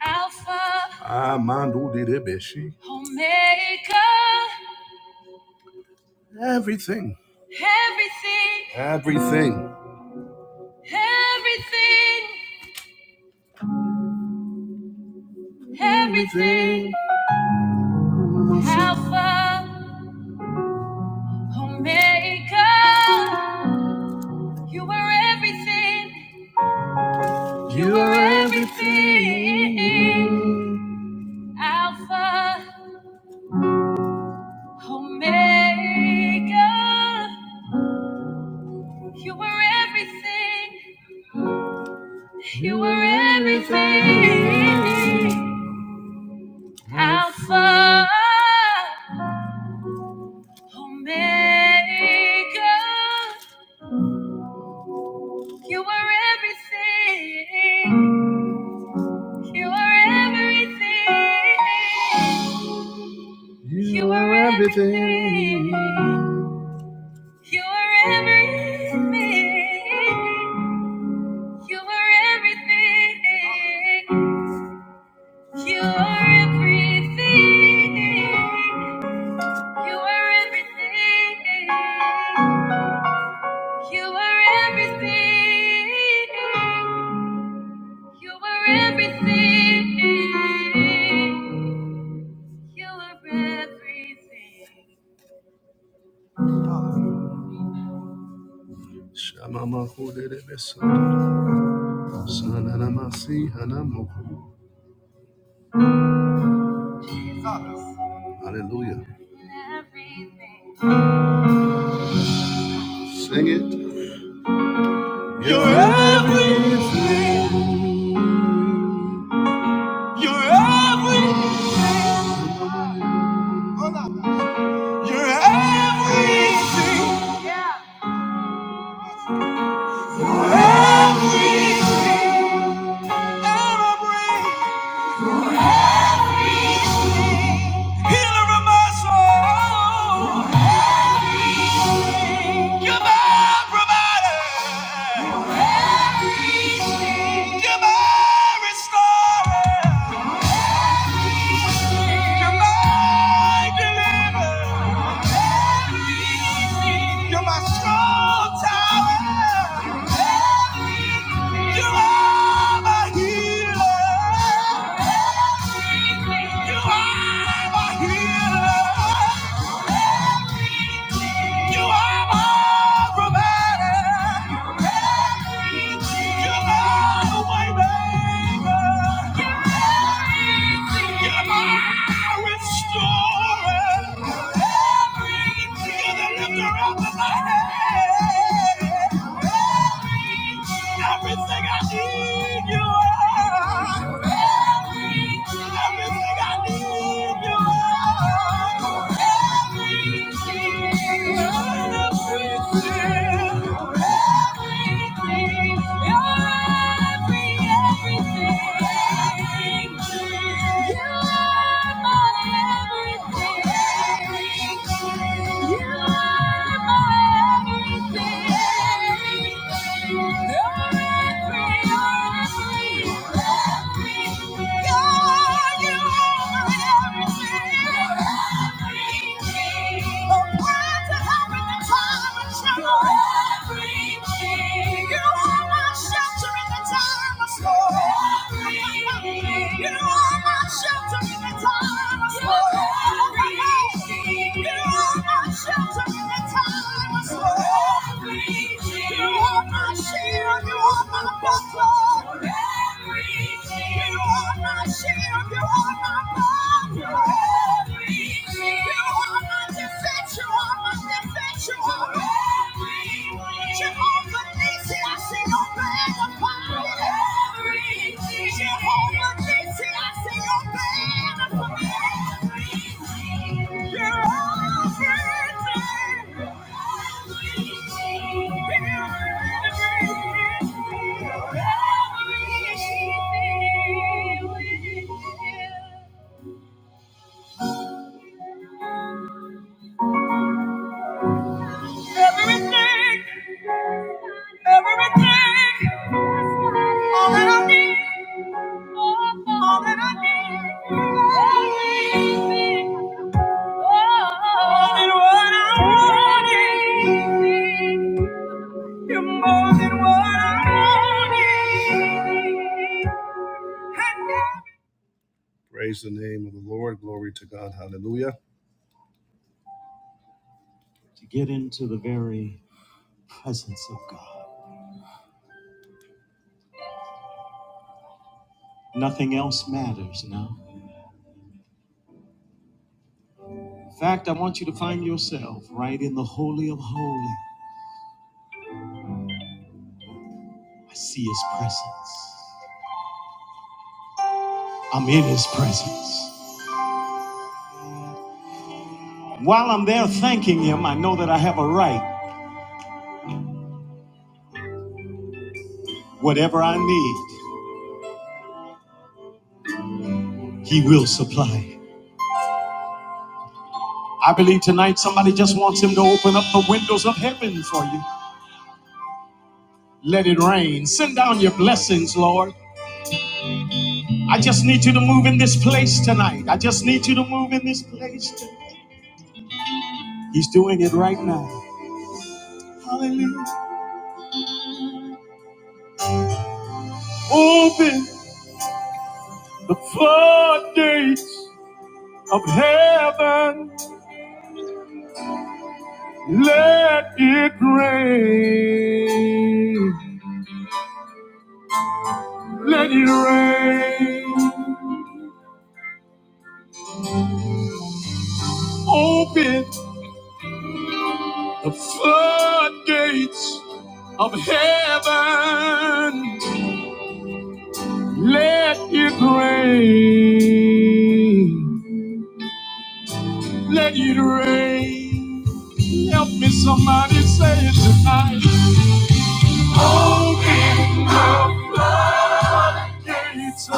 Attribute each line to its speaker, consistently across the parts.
Speaker 1: Alpha, Amandu Direbeshi. Omega, Everything. everything, Everything. everything, everything. Everything. Alpha, Omega, you were everything, you were are everything. Alpha, Omega, you were everything, You were everything. Alpha, Omega. You were everything. You were everything. You were everything. You were everything. You were everything. You were everything. You are everything. You are everything. You are everything. You are everything. Shamama Hudebesu. Sananamasi Hanamoku. Hallelujah. Sing it. You're everything. You're everything. You're everything. Healer. You are my provider. You are the way You are my restorer. You're the lifter of my head. Everything I need, you are. Everything I need, you are. Everything, you're every everything, you are my everything. Everything. You are my shelter in the time of storm. You are my shelter in the time of storm. You are my shelter in the time of storm. You are my shield. You are my buckler. You are my shield. You are my buckler. You are my defense. You are my defense. You are Jehovah Nisi, I see your band of fire. Jehovah Nisi, I see your band of fire. You're everything. everything. Everything, everything, all that I need, all that I need, everything, more than what I'm You're more than what I'm Praise the name of the Lord. Glory to God. Hallelujah. To get into the very presence of God. Nothing else matters now. In fact, I want you to find yourself right in the Holy of Holies. I see His presence. I'm in His presence. While I'm there thanking Him, I know that I have a right. Whatever I need, He will supply. I believe tonight somebody just wants Him to open up the windows of heaven for you. Let it rain. Send down your blessings, Lord. I just need you to move in this place tonight. I just need you to move in this place tonight. He's doing it right now. Hallelujah. Open the floodgates of heaven. Let it rain. Let it rain. Open the floodgates of heaven. Let it rain. Let it rain. Help me, somebody say it tonight. It's a-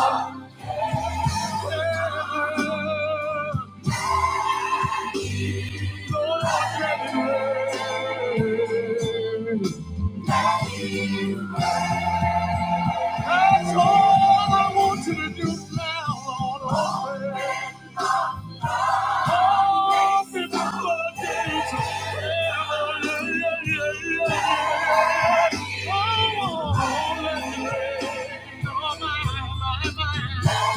Speaker 1: Let it rain. That's all I want you to do now, Lord. Open, open the floodgates of heaven. Yeah, yeah, yeah, yeah. Oh, let it rain on my, my, my.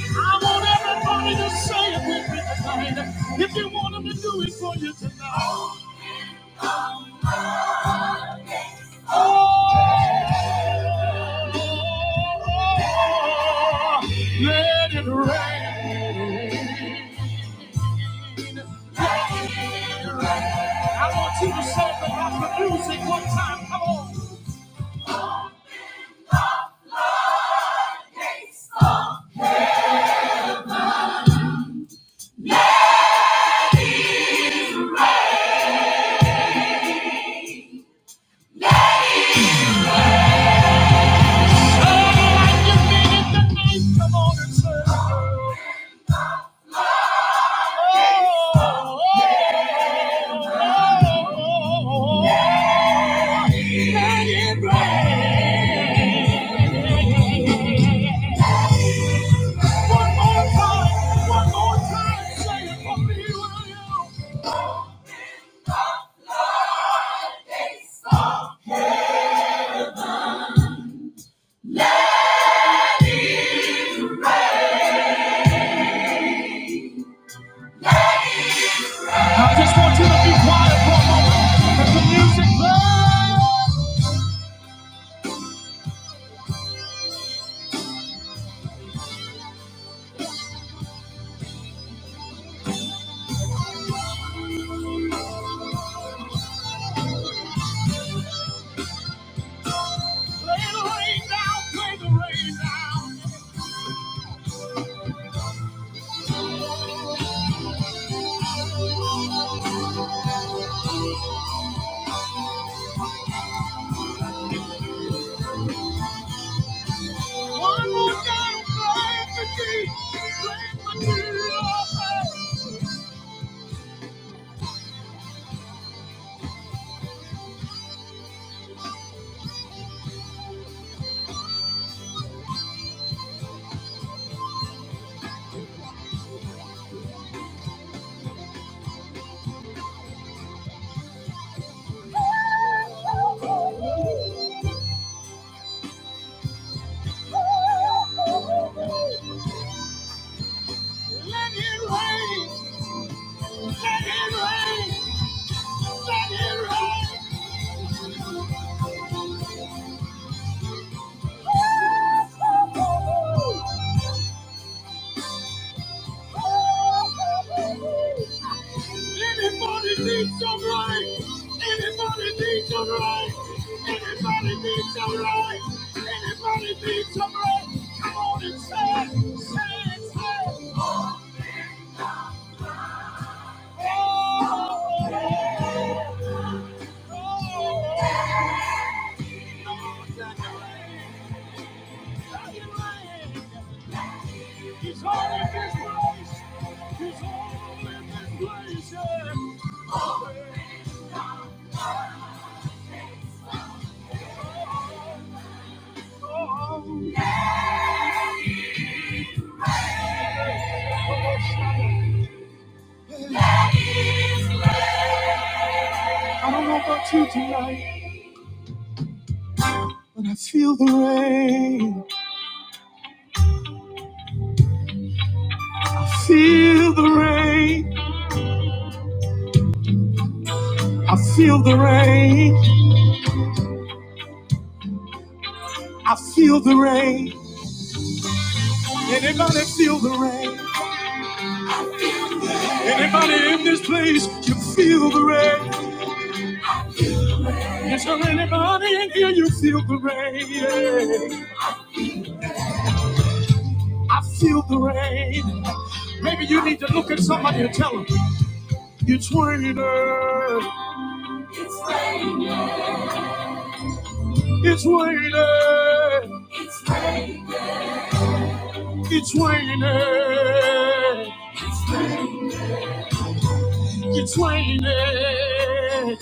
Speaker 1: I want everybody to say it with me tonight. If you want them to do it for you tonight. Oh, I want you to say it with the music one time. Come on. Let it rain. Let it rain. Let it rain. Anybody needs some rain? Anybody needs some rain? Anybody needs some rain? Anybody needs some rain? Come on and say, say, it, say. it. Oh, oh, oh, yeah. oh. yeah. Come on, Jack. He's all in this place. He's all in this place. yeah. I don't know about you tonight, but I feel the rain. I feel the rain. I feel the rain. I feel the rain. Anybody feel the rain? Anybody in this place, you feel the rain. Is there anybody in here, you feel the rain? yeah. I feel the rain. Maybe you need to look at somebody and tell them, it's raining, it's raining, it's raining, it's raining, it's raining.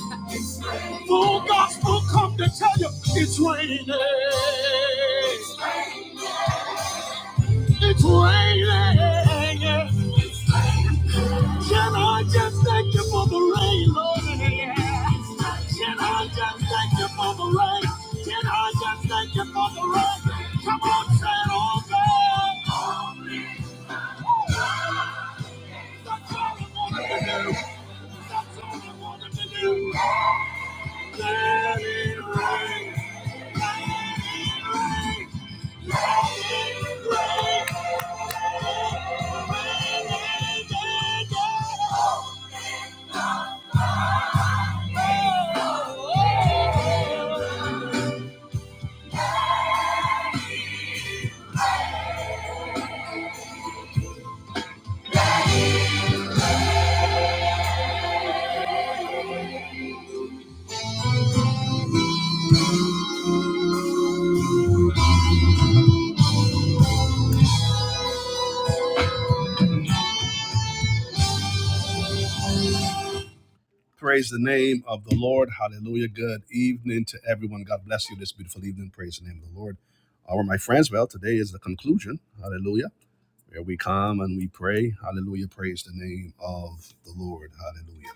Speaker 1: Full gospel come to tell you, it's raining, it's raining. Can I just thank you for the rain, Lord? Can I just thank you for the rain? Can I just thank you for the rain? Come on, say it all God! That's all I wanted to do. That's all I wanted to do. Let it rain. Let it rain. Praise the name of the Lord. Hallelujah. Good evening to everyone. God bless you this beautiful evening. Praise the name of the Lord. Our my friends, well, today is the conclusion. Hallelujah where we come and we pray. Hallelujah. Praise the name of the Lord. Hallelujah.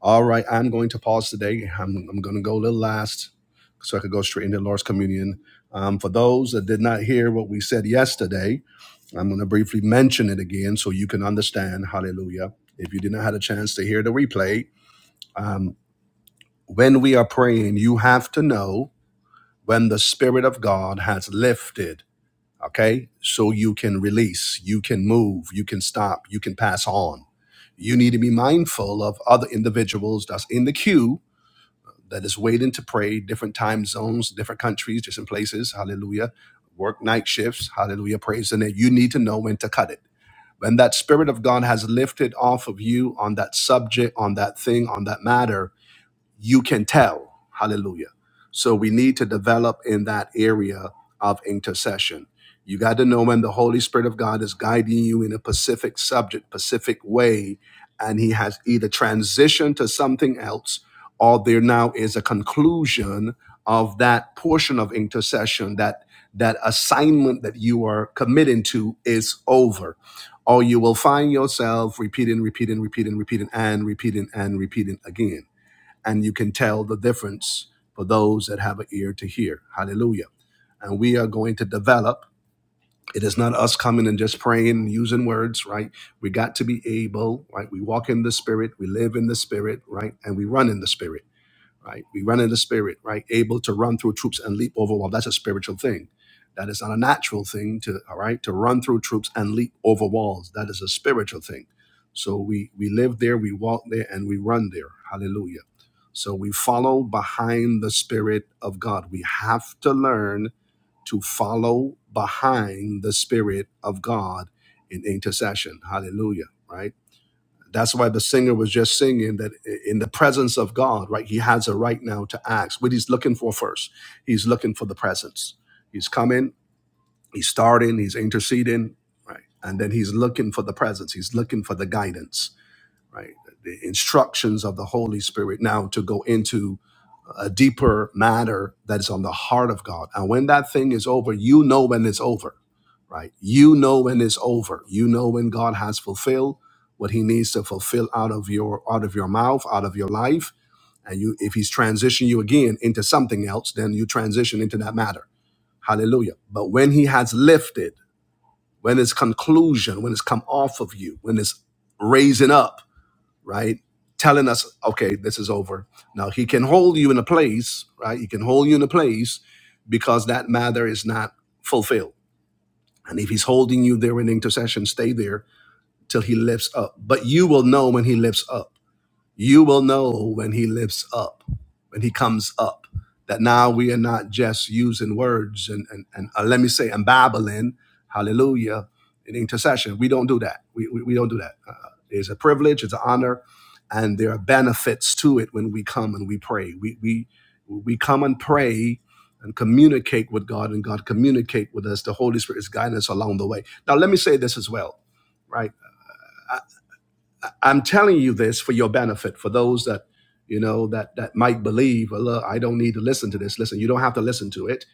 Speaker 1: All right. I'm going to pause today. I'm, I'm going to go a little last so I could go straight into the Lord's Communion. Um, for those that did not hear what we said yesterday, I'm going to briefly mention it again so you can understand. Hallelujah. If you did not have a chance to hear the replay, um, when we are praying, you have to know when the Spirit of God has lifted okay so you can release you can move you can stop you can pass on you need to be mindful of other individuals that's in the queue that is waiting to pray different time zones different countries different places hallelujah work night shifts hallelujah praise the name you need to know when to cut it when that spirit of god has lifted off of you on that subject on that thing on that matter you can tell. Hallelujah. So we need to develop in that area of intercession. You got to know when the Holy Spirit of God is guiding you in a specific subject, specific way, and He has either transitioned to something else or there now is a conclusion of that portion of intercession that that assignment that you are committing to is over or you will find yourself repeating repeating repeating repeating and repeating and repeating again and you can tell the difference for those that have an ear to hear. Hallelujah. And we are going to develop. It is not us coming and just praying and using words, right? We got to be able, right? We walk in the spirit, we live in the spirit, right? And we run in the spirit right? We run in the spirit, right? Able to run through troops and leap over walls. That's a spiritual thing. That is not a natural thing to, all right, to run through troops and leap over walls. That is a spiritual thing. So we we live there, we walk there, and we run there. Hallelujah. So we follow behind the spirit of God. We have to learn to follow behind the spirit of God in intercession. Hallelujah. Right that's why the singer was just singing that in the presence of God, right? He has a right now to ask what he's looking for first. He's looking for the presence. He's coming, he's starting, he's interceding, right? And then he's looking for the presence. He's looking for the guidance right? The instructions of the Holy Spirit now to go into a deeper matter that is on the heart of God. And when that thing is over, you know when it's over, right? You know when it's over. You know when God has fulfilled what he needs to fulfill out of your out of your mouth, out of your life. And you if he's transitioned you again into something else, then you transition into that matter. Hallelujah. But when he has lifted, when it's conclusion, when it's come off of you, when it's raising up, right? Telling us, okay, this is over. Now he can hold you in a place, right? He can hold you in a place because that matter is not fulfilled. And if he's holding you there in intercession, stay there till he lifts up. But you will know when he lifts up. You will know when he lifts up, when he comes up, that now we are not just using words and, and, and uh, let me say, and babbling, hallelujah, in intercession. We don't do that. We, we, we don't do that. Uh, it's a privilege, it's an honor, and there are benefits to it when we come and we pray. We, we, we come and pray and communicate with God, and God communicate with us. The Holy Spirit is guiding us along the way. Now, let me say this as well, right? I'm telling you this for your benefit, for those that you know that that might believe, well, look, I don't need to listen to this. Listen, you don't have to listen to it.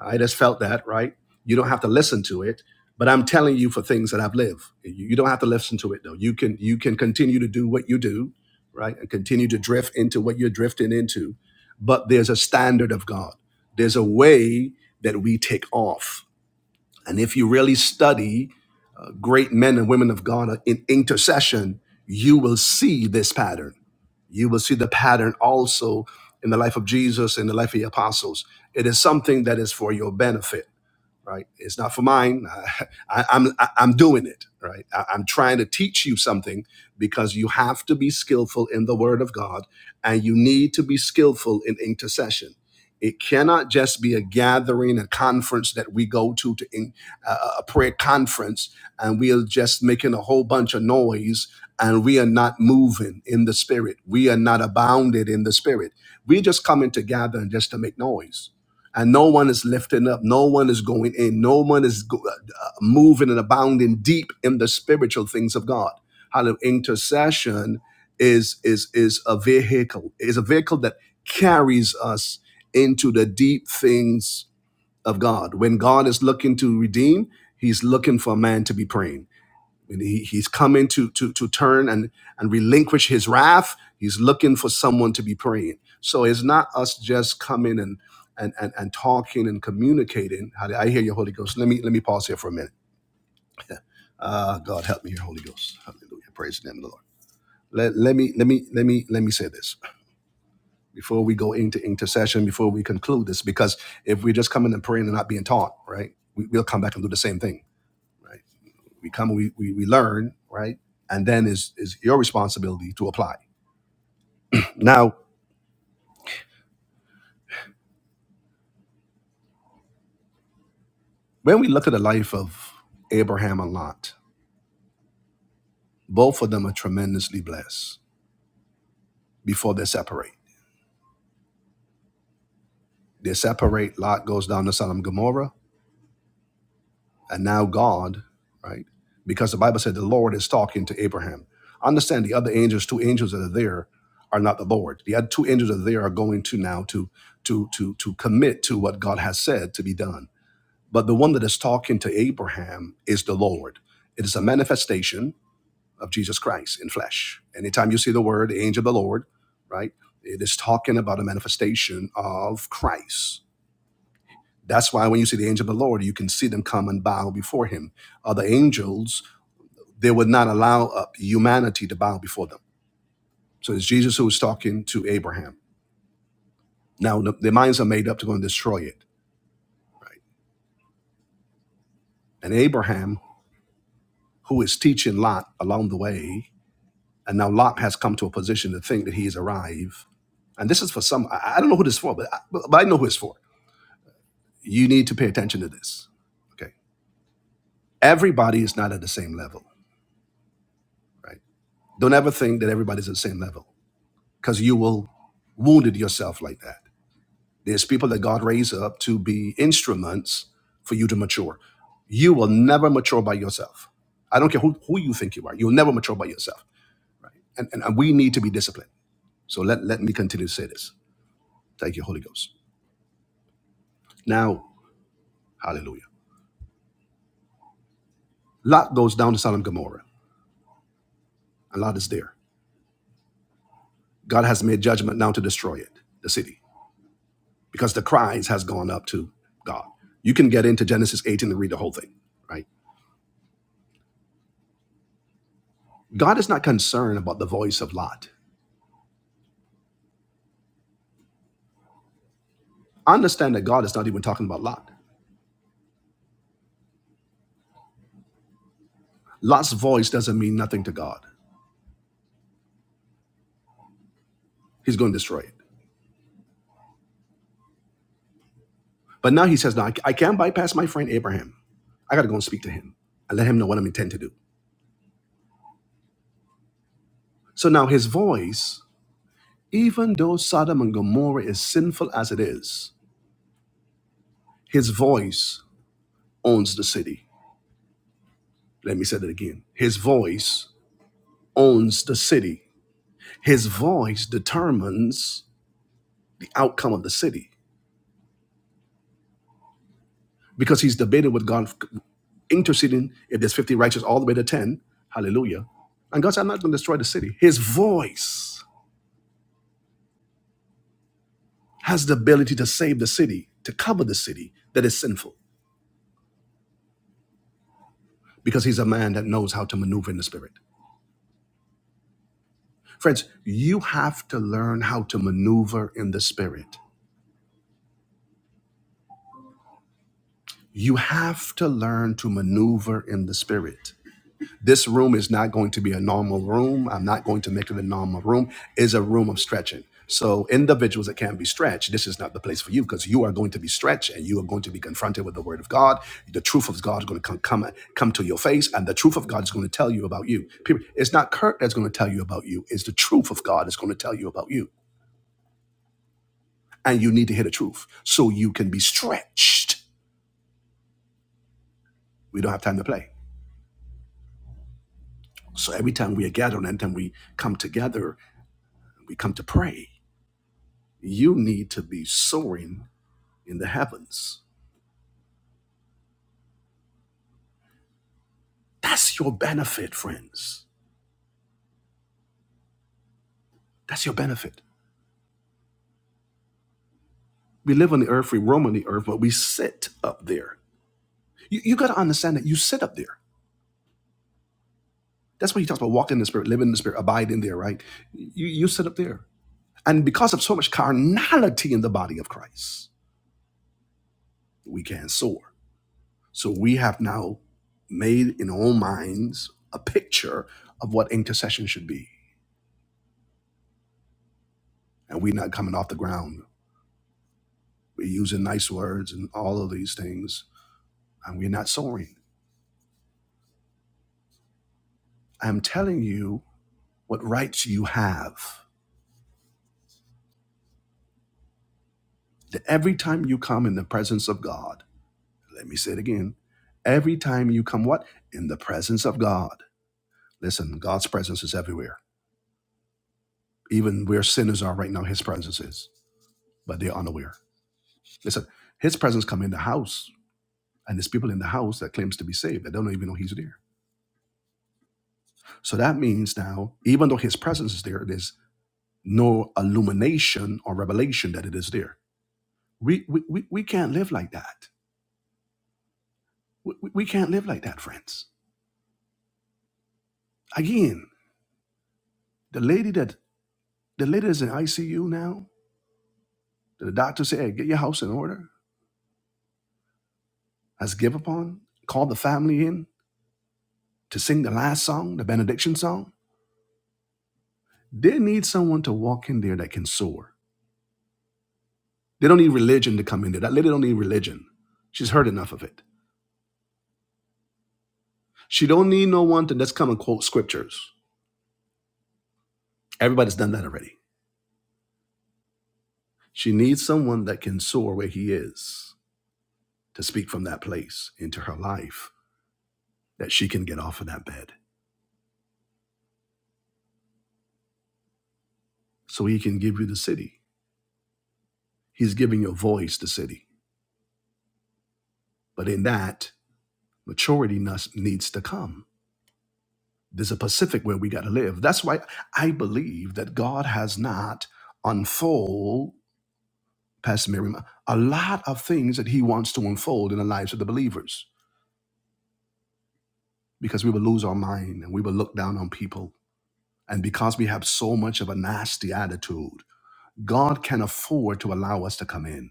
Speaker 1: I just felt that, right? You don't have to listen to it. But I'm telling you for things that I've lived. You, you don't have to listen to it though. You can you can continue to do what you do, right? And continue to drift into what you're drifting into. But there's a standard of God. There's a way that we take off and if you really study uh, great men and women of God in intercession, you will see this pattern. You will see the pattern also in the life of Jesus and the life of the apostles. It is something that is for your benefit right? It's not for mine. I, I, I'm I- I'm doing it, right? I, I'm trying to teach you something because you have to be skillful in the Word of God, and you need to be skillful in intercession. It cannot just be a gathering, a conference that we go to to in, uh, a prayer conference, and we are just making a whole bunch of noise, and we are not moving in the Spirit. We are not abounded in the Spirit. We just coming to gather and just to make noise and no one is lifting up no one is going in no one is go- uh, uh, moving and abounding deep in the spiritual things of god hallelujah intercession is is is a vehicle is a vehicle that carries us into the deep things of god when god is looking to redeem he's looking for a man to be praying and he, he's coming to, to, to turn and, and relinquish his wrath. He's looking for someone to be praying. So it's not us just coming and, and, and, and talking and communicating. How do I hear your Holy Ghost? Let me, let me pause here for a minute. Ah, God, help me, your Holy Ghost. Hallelujah. Praise the name of the Lord. Let, let me let me let me let me say this before we go into intercession, before we conclude this, because if we're just coming and praying and not being taught, right, we, we'll come back and do the same thing. Right? we come we, we, we learn right and then is is your responsibility to apply now when we look at the life of abraham and lot both of them are tremendously blessed before they separate they separate lot goes down to sodom and gomorrah and now god right because the bible said the lord is talking to abraham understand the other angels two angels that are there are not the lord the other two angels that are there are going to now to to to to commit to what god has said to be done But the one that is talking to Abraham is the Lord. It is a manifestation of Jesus Christ in flesh. Anytime you see the word the angel of the Lord, right, it is talking about a manifestation of Christ. That's why when you see the angel of the Lord, you can see them come and bow before him. Other angels, they would not allow uh, humanity to bow before them. So it's Jesus who is talking to Abraham. Now, the, their minds are made up to go and destroy it. And Abraham, who is teaching Lot along the way, And now Lot has come to a position to think that he's arrived. And this is for some, I I don't know who this is for, but I, but but I know who it's for. You need to pay attention to this. Okay. Everybody is not at the same level, right? Don't ever think that everybody's at the same level because you will wounded yourself like that. There's people that God raised up to be instruments for you to mature. You will never mature by yourself. I don't care who, who you think you are. You'll never mature by yourself. And, and, and we need to be disciplined. So let, let me continue to say this. Thank you, Holy Ghost. Now, Hallelujah. Lot goes down to Sodom and Gomorrah, and Lot is there. God has made judgment now to destroy it, the city, because the cries has gone up to God. You can get into Genesis 18 and read the whole thing, right? God is not concerned about the voice of Lot. Understand that God is not even talking about Lot. Lot's voice doesn't mean nothing to God. He's going to destroy it. But now he says, "Now I I can't bypass my friend Abraham. I got to go and speak to him and let him know what I'm intent to do." So now his voice, even though Sodom and Gomorrah is sinful as it is, His voice owns the city. Let me say that again. His voice owns the city. His voice determines the outcome of the city because he's debating with God, interceding if there's 50 righteous all the way to 10. Hallelujah. And God said, I'm not going to destroy the city. His voice has the ability to save the city, to cover the city that is sinful because he's a man that knows how to maneuver in the spirit. Friends, you have to learn how to maneuver in the spirit. You have to learn to maneuver in the spirit. This room is not going to be a normal room. I'm not going to make it a normal room. It's a room of stretching. So individuals that can not be stretched, this is not the place for you because you are going to be stretched and you are going to be confronted with the word of God. The truth of God is going to come, come come to your face, and the truth of God is going to tell you about you. Period. It's not Kurt that's going to tell you about you. It's the truth of God that's going to tell you about you, and you need to hear the truth so you can be stretched. We don't have time to play. So every time we are gathered and then we come together, we come to pray. You need to be soaring in the heavens. That's your benefit, friends. That's your benefit. We live on the earth, we roam on the earth, but we sit up there. You, you got to understand that you sit up there. That's why he talks about walking in the spirit, living in the spirit, abiding there, right? You, you sit up there. And because of so much carnality in the body of Christ, we can not soar. So we have now made in our own minds a picture of what intercession should be. And we're not coming off the ground. We're using nice words and all of these things, and we're not soaring. I'm telling you what rights you have. That Every time you come in the presence of God, let me say it again. Every time you come, what? In the presence of God. Listen, God's presence is everywhere. Even where sinners are right now, His presence is, but they're unaware. Listen, His presence come in the house And there's people in the house that claims to be saved that don't even know he's there. So that means now, even though his presence is there, there's no illumination or revelation that it is there. We we, we, we can't live like that. We, we we can't live like that, friends. Again, the lady that the lady is in ICU now, the doctor said, hey, get your house in order, has give upon, called the family in to sing the last song, the benediction song. They need someone to walk in there that can soar They don't need religion to come in there. That lady don't need religion. She's heard enough of it. She don't need no one to just come and quote scriptures. Everybody's done that already. She needs someone that can soar where he is to speak from that place into her life that she can get off of that bed so he can give you the city. He's giving your voice the city. But in that, maturity must, needs to come. There's a Pacific where we got to live. That's why I believe that God has not unfold Pastor Miriam, a lot of things that he wants to unfold in the lives of the believers because we will lose our mind and we will look down on people. And because we have so much of a nasty attitude, God can afford to allow us to come in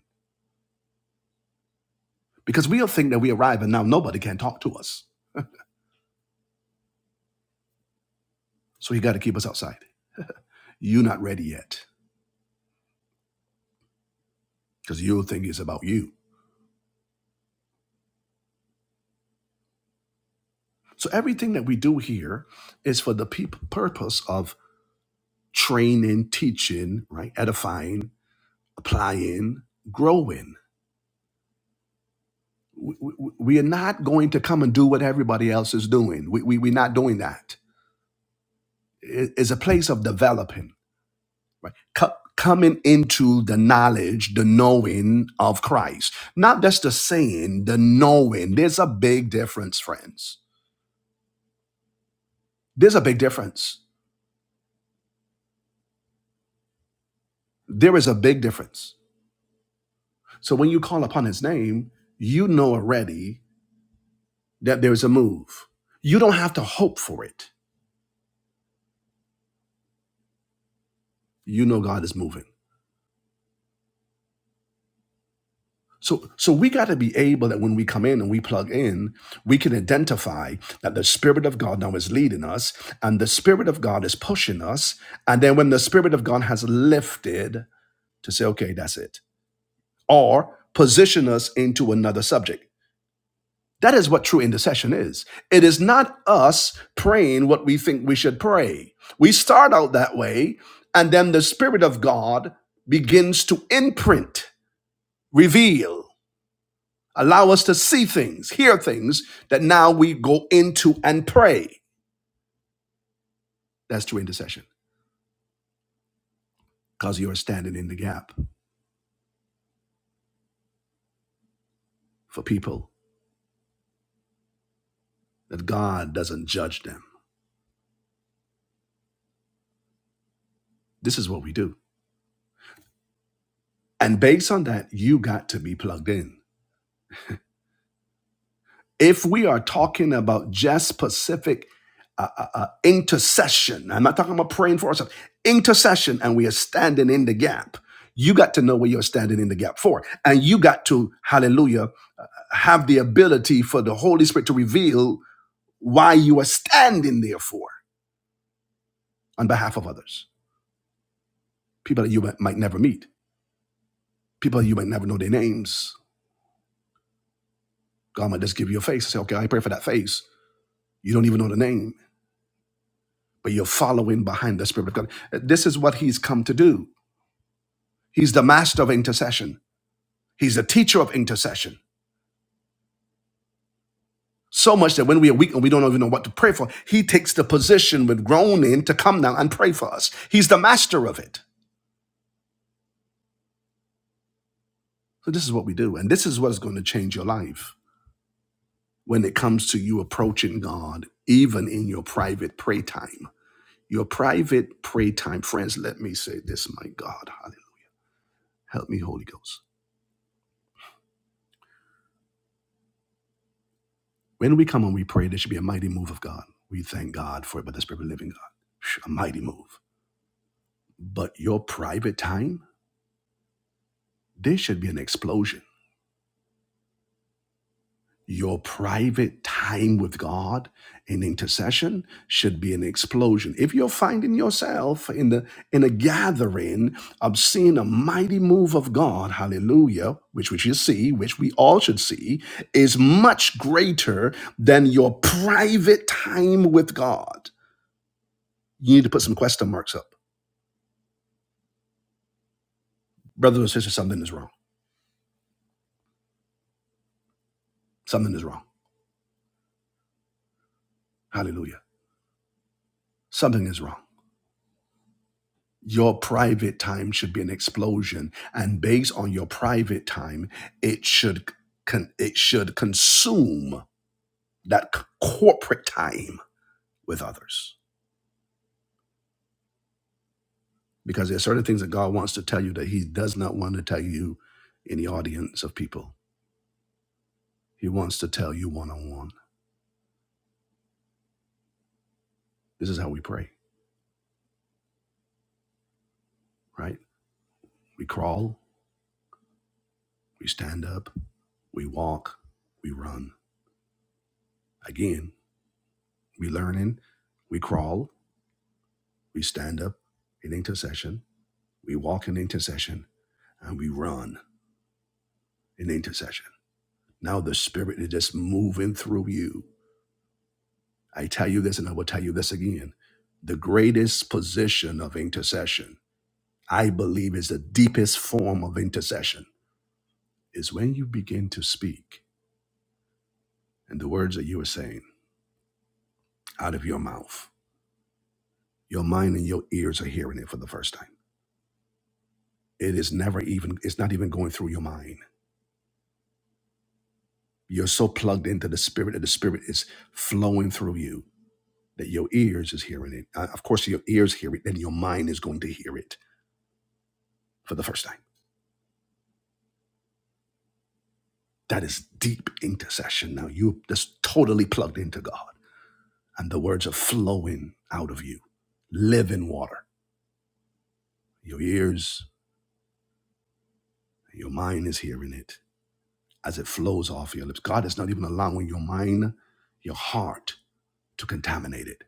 Speaker 1: because we'll think that we arrive and now nobody can talk to us. So he got to keep us outside. You're not ready yet because you'll think it's about you. So everything that we do here is for the peop purpose of training, teaching, right? Edifying, applying, growing. we, we we are not going to come and do what everybody else is doing. We, we, we're not doing that. It- It's a place of developing, right? Co- coming into the knowledge, the knowing of Christ. Not just the saying, the knowing. There's a big difference, friends. There's a big difference. There is a big difference. So when you call upon his name, you know already that there's a move. You don't have to hope for it. You know God is moving So, so we got to be able that when we come in and we plug in, we can identify that the Spirit of God now is leading us and the Spirit of God is pushing us. And then when the Spirit of God has lifted, to say, okay, that's it, or position us into another subject. That is what true intercession is. It is not us praying what we think we should pray. We start out that way, and then the Spirit of God begins to imprint, reveal. Allow us to see things, hear things that now we go into and pray. That's true intercession because you are standing in the gap for people that God doesn't judge them. This is what we do. And based on that, you got to be plugged in. If we are talking about just specific uh, uh, uh, intercession, I'm not talking about praying for ourselves, intercession, and we are standing in the gap, you got to know what you're standing in the gap for. And you got to, hallelujah, have the ability for the Holy Spirit to reveal why you are standing there for on behalf of others. People that you might might never meet, people that you might never know their names. God might just give you a face and say, okay, I pray for that face. You don't even know the name, but you're following behind the Spirit of God. This is what He's come to do. He's the master of intercession, He's the teacher of intercession. So much that when we are weak and we don't even know what to pray for, He takes the position with groaning to come down and pray for us. He's the master of it. So this is what we do. And this is what's going to change your life when it comes to you approaching God, even in your private prayer time. Your private prayer time, friends, let me say this, my God. Hallelujah. Help me, Holy Ghost. When we come and we pray, there should be a mighty move of God. We thank God for it by the Spirit of the living God. A mighty move. But your private time, there should be an explosion Your private time with God in intercession should be an explosion. If you're finding yourself in the in a gathering of seeing a mighty move of God, hallelujah, which we should see, which we all should see, is much greater than your private time with God. You need to put some question marks up. Brothers and sisters, something is wrong. Something is wrong. Hallelujah. Something is wrong your private time should be an explosion and based on your private time it should con- it should consume that c- corporate time with others because there are certain things that God wants to tell you that he does not want to tell you in the audience of people he wants to tell you one on one this is how we pray right we crawl we stand up we walk we run again we learning we crawl we stand up in intercession We walk in intercession and we run in intercession. Now the Spirit is just moving through you. I tell you this and I will tell you this again. The greatest position of intercession, I believe, is the deepest form of intercession, is when you begin to speak and the words that you are saying out of your mouth, your mind and your ears are hearing it for the first time. It is never even, it's not even going through your mind. You're so plugged into the Spirit that the Spirit is flowing through you that your ears is hearing it. Uh, of course, your ears hear it, and your mind is going to hear it for the first time. That is deep intercession. Now you just totally plugged into God, and the words are flowing out of you, living water. Your ears, your mind is hearing it as it flows off your lips. God is not even allowing your mind, your heart, to contaminate it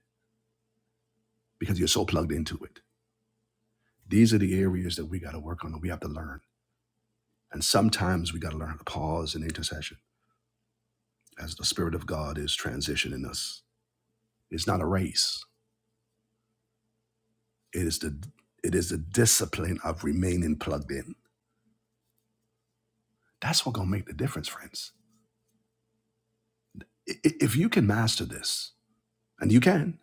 Speaker 1: because you're so plugged into it. These are the areas that we got to work on and we have to learn. And sometimes we got to learn how to pause in intercession as the Spirit of God is transitioning us. It's not a race. It is the it is the discipline of remaining plugged in. That's what gonna make the difference, friends. I- i- If you can master this, and you can,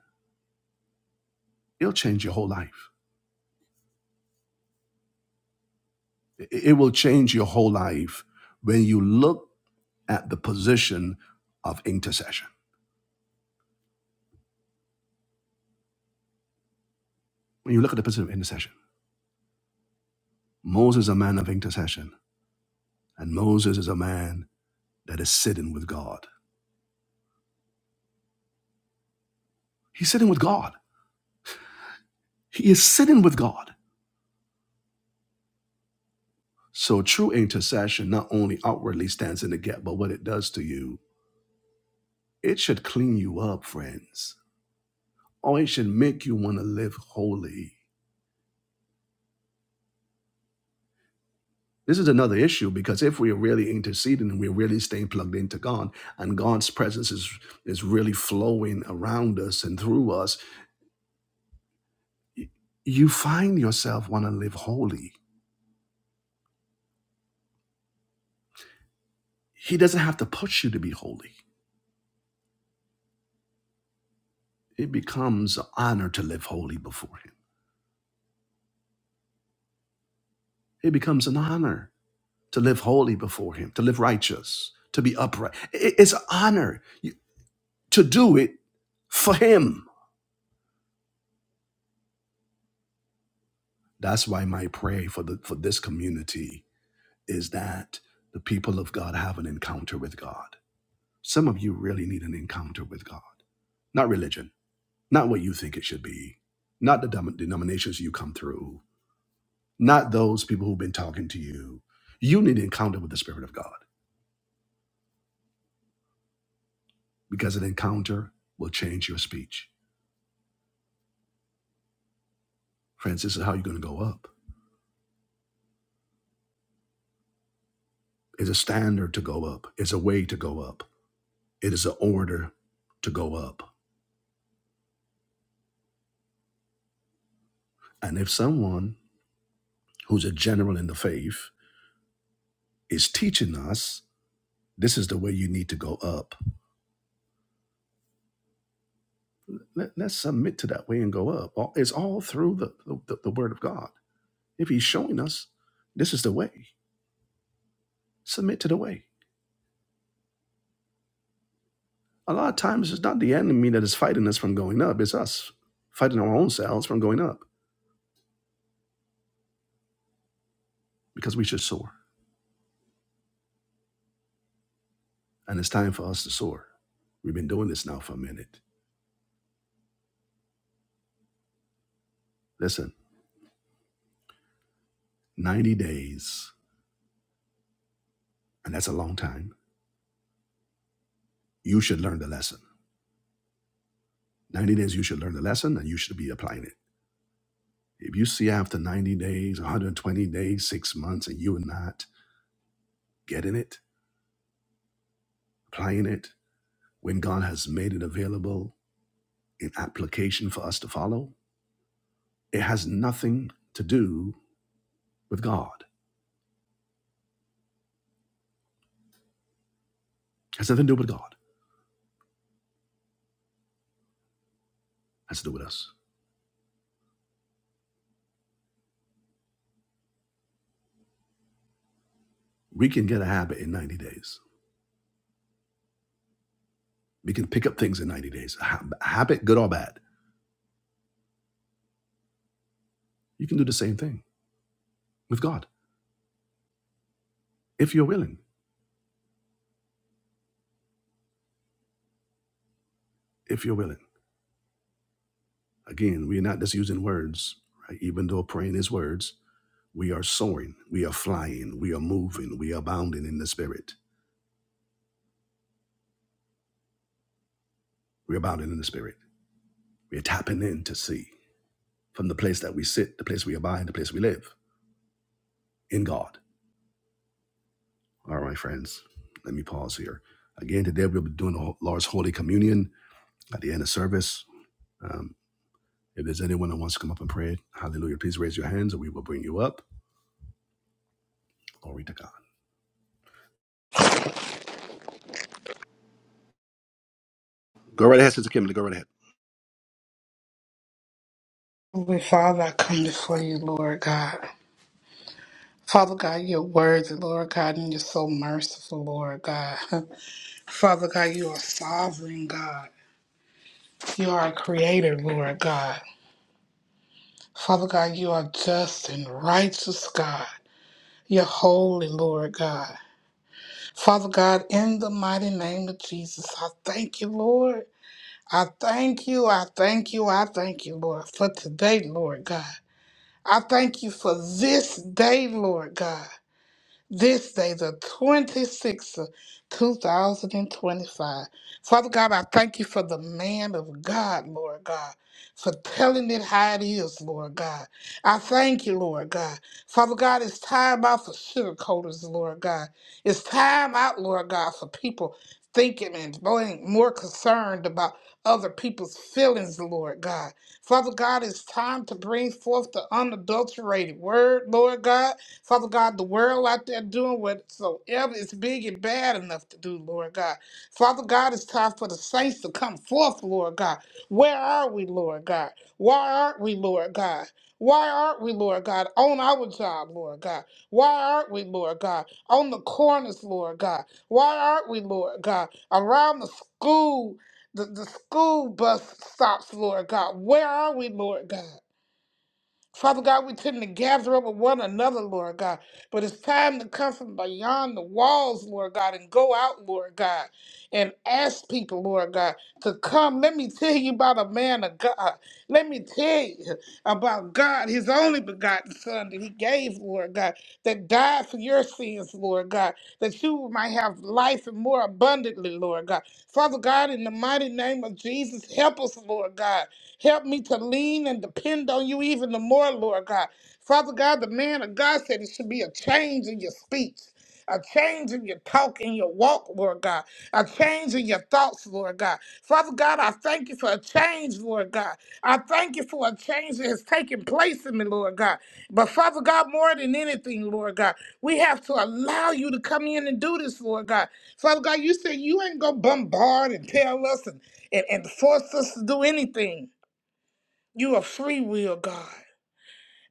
Speaker 1: it'll change your whole life. I- It will change your whole life when you look at the position of intercession. When you look at the position of intercession, Moses is a man of intercession, and Moses is a man that is sitting with God. He's sitting with God. He is sitting with God. So true intercession not only outwardly stands in the gap, but what it does to you, it should clean you up, friends, or it should make you want to live holy. This is another issue because if we are really interceding and we're really staying plugged into God and God's presence is, is really flowing around us and through us, y- you find yourself want to live holy. He doesn't have to push you to be holy. It becomes an honor to live holy before Him. It becomes an honor to live holy before him, to live righteous, to be upright. I- It's an honor to do it for him. That's why my prayer for the for this community is that the people of God have an encounter with God. Some of you really need an encounter with God. Not religion, not what you think it should be, not the dem- denominations you come through, not those people who've been talking to you. You need an encounter with the Spirit of God because an encounter will change your speech. Friends, this is how you're going to go up. is a standard to go up, it's a way to go up, it is an order to go up. And if someone who's a general in the faith is teaching us, this is the way you need to go up, let, let us submit to that way and go up. All- It's all through the, the, the Word of God. If He's showing us this is the way, submit to the way. A lot of times it's not the enemy that is fighting us from going up, it's us fighting our own selves from going up because we should soar. And it's time for us to soar. We've been doing this now for a minute. Listen. 90 days, and that's a long time, you should learn the lesson. 90 days, you should learn the lesson and you should be applying it. If you see after 90 days, 120 days, six months, and you are not getting it, applying it, when God has made it available in application for us to follow, it has nothing to do with God. It has nothing to do with God. It has to do with us. We can get a habit in 90 days. We can pick up things in 90 days. A hab- habit, good or bad. You can do the same thing with God if you're willing. If you're willing. Again, we are not just using words, right? Even though praying is words, we are soaring, we are flying, we are moving, we are abounding in the spirit. We're abounding in the spirit. We're tapping in to see from the place that we sit, the place we abide, the place we live in God. All right, friends, let me pause here. Again, today we'll be doing the Lord's Holy Communion at the end of service. Um, if there's anyone that wants to come up and pray, hallelujah, please raise your hands and we will bring you up. Glory to God. Go right ahead, Sister Kimberly. Go right ahead.
Speaker 2: Holy Father, I come before you, Lord God. Father God, you're worthy, Lord God, and you're so merciful, Lord God. Father God, you are sovereign, God. You are a creator, Lord God. Father God, you are just and righteous, God. You're holy, Lord God. Father God, in the mighty name of Jesus, I thank you, Lord. I thank you, I thank you, I thank you, Lord, for today, Lord God. I thank you for this day, Lord God. this day, the 26th of 2025. Father God, I thank you for the man of God, Lord God, for telling it how it is, Lord God. I thank you, Lord God. Father God, it's time out for sugarcoaters, Lord God. It's time out, Lord God, for people thinking and being more concerned about other people's feelings, Lord God. Father God, it's time to bring forth the unadulterated word, Lord God. Father God, the world out there doing whatsoever is big and bad enough to do, Lord God. Father God, it's time for the saints to come forth, Lord God. Where are we, Lord God? Why aren't we, Lord God? Why aren't we, Lord God, on our job, Lord God? Why aren't we, Lord God, on the corners, Lord God? Why aren't we, Lord God, around the school, the, the school bus stops, Lord God? Where are we, Lord God? Father God, we tend to gather up with one another, Lord God. But it's time to come from beyond the walls, Lord God, and go out, Lord God, and ask people, Lord God, to come. Let me tell you about a man of God. Let me tell you about God, his only begotten Son that he gave, Lord God, that died for your sins, Lord God, that you might have life and more abundantly, Lord God. Father God, in the mighty name of Jesus, help us, Lord God. Help me to lean and depend on you even the more, Lord God. Father God, the man of God said it should be a change in your speech. A change in your talk and your walk, Lord God. A change in your thoughts, Lord God. Father God, I thank you for a change, Lord God. I thank you for a change that has taken place in me, Lord God. But Father God, more than anything, Lord God, we have to allow you to come in and do this, Lord God. Father God, you said you ain't gonna bombard and tell us and, and, and force us to do anything. You are free will, God.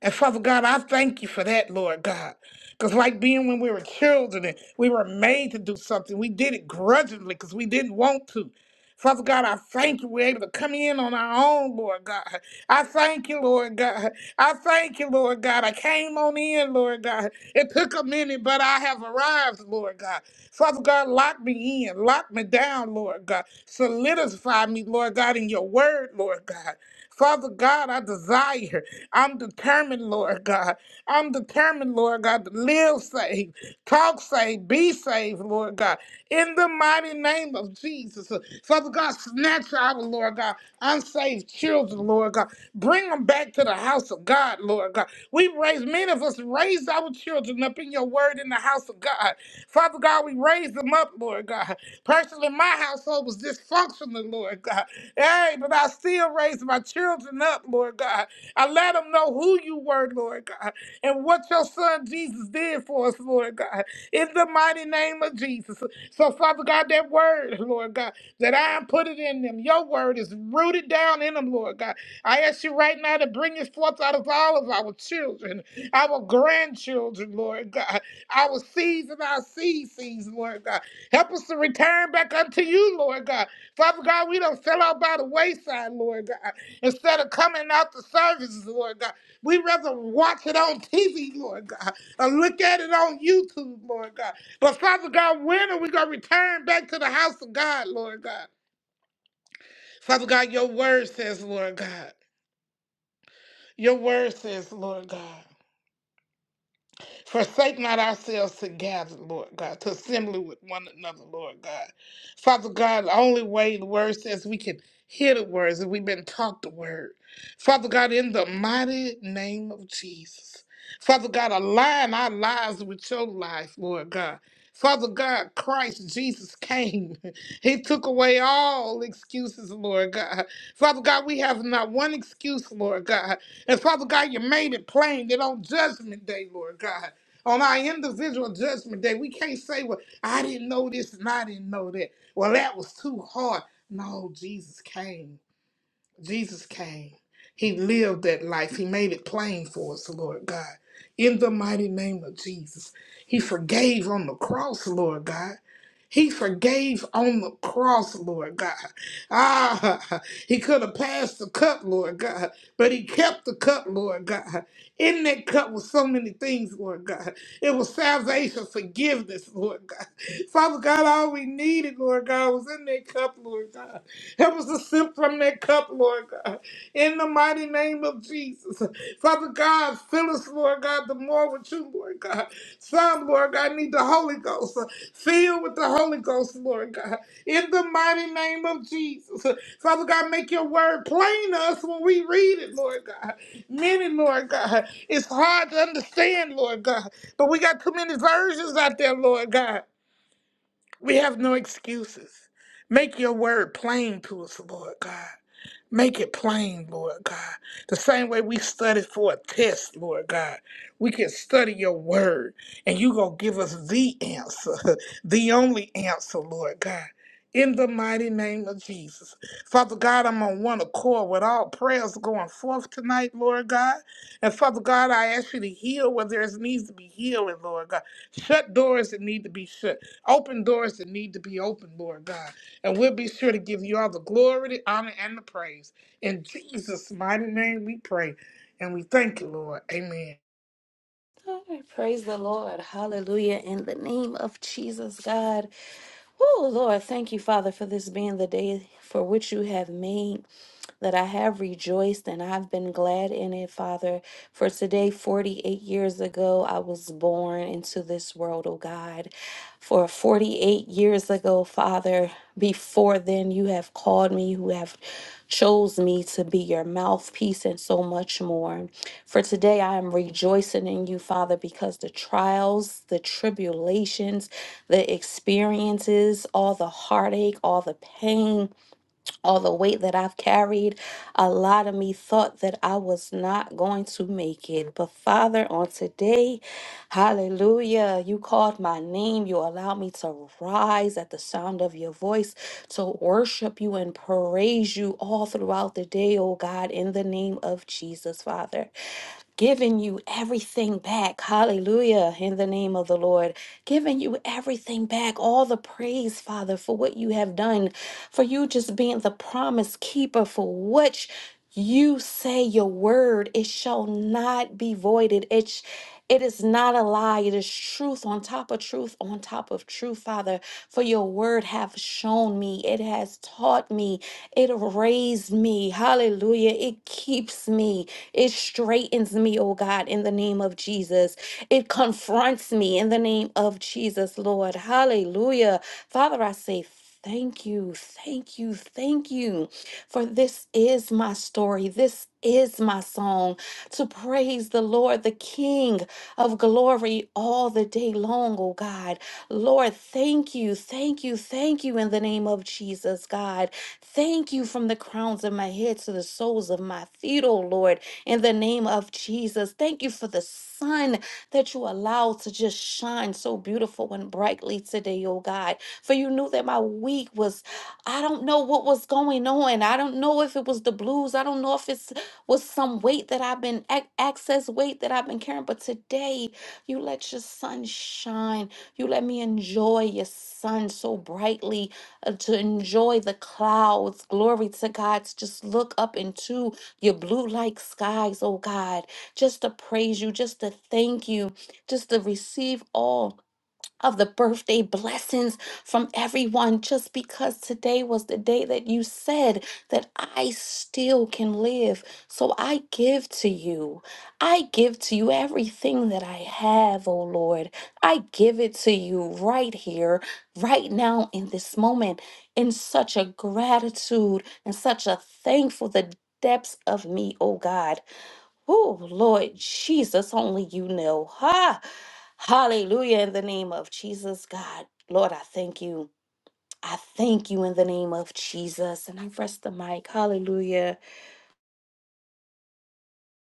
Speaker 2: And Father God, I thank you for that, Lord God. Because, like being when we were children and we were made to do something, we did it grudgingly because we didn't want to. Father God, I thank you. We're able to come in on our own, Lord God. I thank you, Lord God. I thank you, Lord God. I came on in, Lord God. It took a minute, but I have arrived, Lord God. Father God, lock me in, lock me down, Lord God. Solidify me, Lord God, in your word, Lord God. Father God, I desire. I'm determined, Lord God. I'm determined, Lord God, to live saved, talk saved, be saved, Lord God. In the mighty name of Jesus. Father God, snatch out, Lord God, unsaved children, Lord God. Bring them back to the house of God, Lord God. We raised, many of us raised our children up in your word in the house of God. Father God, we raised them up, Lord God. Personally, my household was dysfunctional, Lord God. Hey, but I still raised my children up, Lord God. I let them know who you were, Lord God, and what your son Jesus did for us, Lord God, in the mighty name of Jesus. So, Father God, that word, Lord God, that I am put it in them, your word is rooted down in them, Lord God. I ask you right now to bring it forth out of all of our children, our grandchildren, Lord God, our seeds and our seed seeds, Lord God. Help us to return back unto you, Lord God. Father God, we don't fell out by the wayside, Lord God. Instead of coming out to services, Lord God, we rather watch it on TV, Lord God, or look at it on YouTube, Lord God. But Father God, when are we going to return back to the house of God, Lord God? Father God, your word says, Lord God, your word says, Lord God. Forsake not ourselves to gather, Lord God, to assembly with one another, Lord God. Father God, the only way the word says we can hear the words and we've been taught the word. Father God, in the mighty name of Jesus. Father God, align our lives with your life, Lord God. Father God, Christ Jesus came. He took away all excuses, Lord God. Father God, we have not one excuse, Lord God. And Father God, you made it plain that on judgment day, Lord God. On our individual judgment day, we can't say, well, I didn't know this and I didn't know that. Well, that was too hard. No, Jesus came. Jesus came. He lived that life. He made it plain for us, Lord God. In the mighty name of Jesus. He forgave on the cross, Lord God. He forgave on the cross, Lord God. Ah, he could have passed the cup, Lord God, but he kept the cup, Lord God. In that cup was so many things, Lord God. It was salvation, forgiveness, Lord God. Father God, all we needed, Lord God, was in that cup, Lord God. Help us to sip from that cup, Lord God. In the mighty name of Jesus. Father God, fill us, Lord God, the more with you, Lord God. Some, Lord God, need the Holy Ghost. Fill with the Holy Ghost, Lord God. In the mighty name of Jesus. Father God, make your word plain to us when we read it, Lord God. Many, Lord God, it's hard to understand, Lord God. But we got too many versions out there, Lord God. We have no excuses. Make your word plain to us, Lord God. Make it plain, Lord God. The same way we studied for a test, Lord God. We can study your word and you going to give us the answer, the only answer, Lord God. In the mighty name of Jesus. Father God, I'm on one accord with all prayers going forth tonight, Lord God. And Father God, I ask you to heal where there needs to be healing, Lord God. Shut doors that need to be shut. Open doors that need to be opened, Lord God. And we'll be sure to give you all the glory, the honor, and the praise. In Jesus' mighty name we pray. And we thank you, Lord. Amen.
Speaker 3: All right, praise the Lord. Hallelujah. In the name of Jesus, God. Oh, Lord, thank you, Father, for this being the day for which you have made. That I have rejoiced and I've been glad in it, Father. For today, 48 years ago, I was born into this world, oh God. for or 48 years ago, Father. Before then, you have called me, you have chose me to be your mouthpiece and so much more. For today, I am rejoicing in you, Father, because the trials, the tribulations, the experiences, all the heartache, all the pain, all the weight that I've carried, a lot of me thought that I was not going to make it. But Father, on today, hallelujah, you called my name. You allowed me to rise at the sound of your voice, to worship you and praise you all throughout the day, oh God, in the name of Jesus, Father giving you everything back. Hallelujah. In the name of the Lord, giving you everything back. All the praise, Father, for what you have done, for you just being the promise keeper, for which you say your word, it shall not be voided. It, sh- it is not a lie. It is truth on top of truth on top of truth, Father. For your word have shown me. It has taught me. It raised me. Hallelujah. It keeps me. It straightens me, oh God, in the name of Jesus. It confronts me in the name of Jesus, Lord. Hallelujah. Father, I say thank you, thank you, thank you. For this is my story. This is my song to praise the Lord, the King of glory all the day long, oh God. Lord, thank you, thank you, thank you in the name of Jesus, God. Thank you from the crowns of my head to the soles of my feet, oh Lord, in the name of Jesus. Thank you for the sun that you allowed to just shine so beautiful and brightly today, oh God. For you knew that my week was, I don't know what was going on. I don't know if it was the blues. I don't know if it's with some weight that I've been ac- excess weight that I've been carrying. But today, you let your sun shine. You let me enjoy your sun so brightly, uh, to enjoy the clouds. Glory to God. To just look up into your blue like skies, oh God. Just to praise you, just to thank you, just to receive all of the birthday blessings from everyone just because today was the day that you said that I still can live. So I give to you. I give to you everything that I have, oh Lord. I give it to you right here, right now, in this moment, in such a gratitude and such a thankful, the depths of me, oh God. Oh, Lord Jesus, only you know. Ha! Hallelujah in the name of Jesus, God. Lord, I thank you. I thank you in the name of Jesus. And I rest the mic. Hallelujah.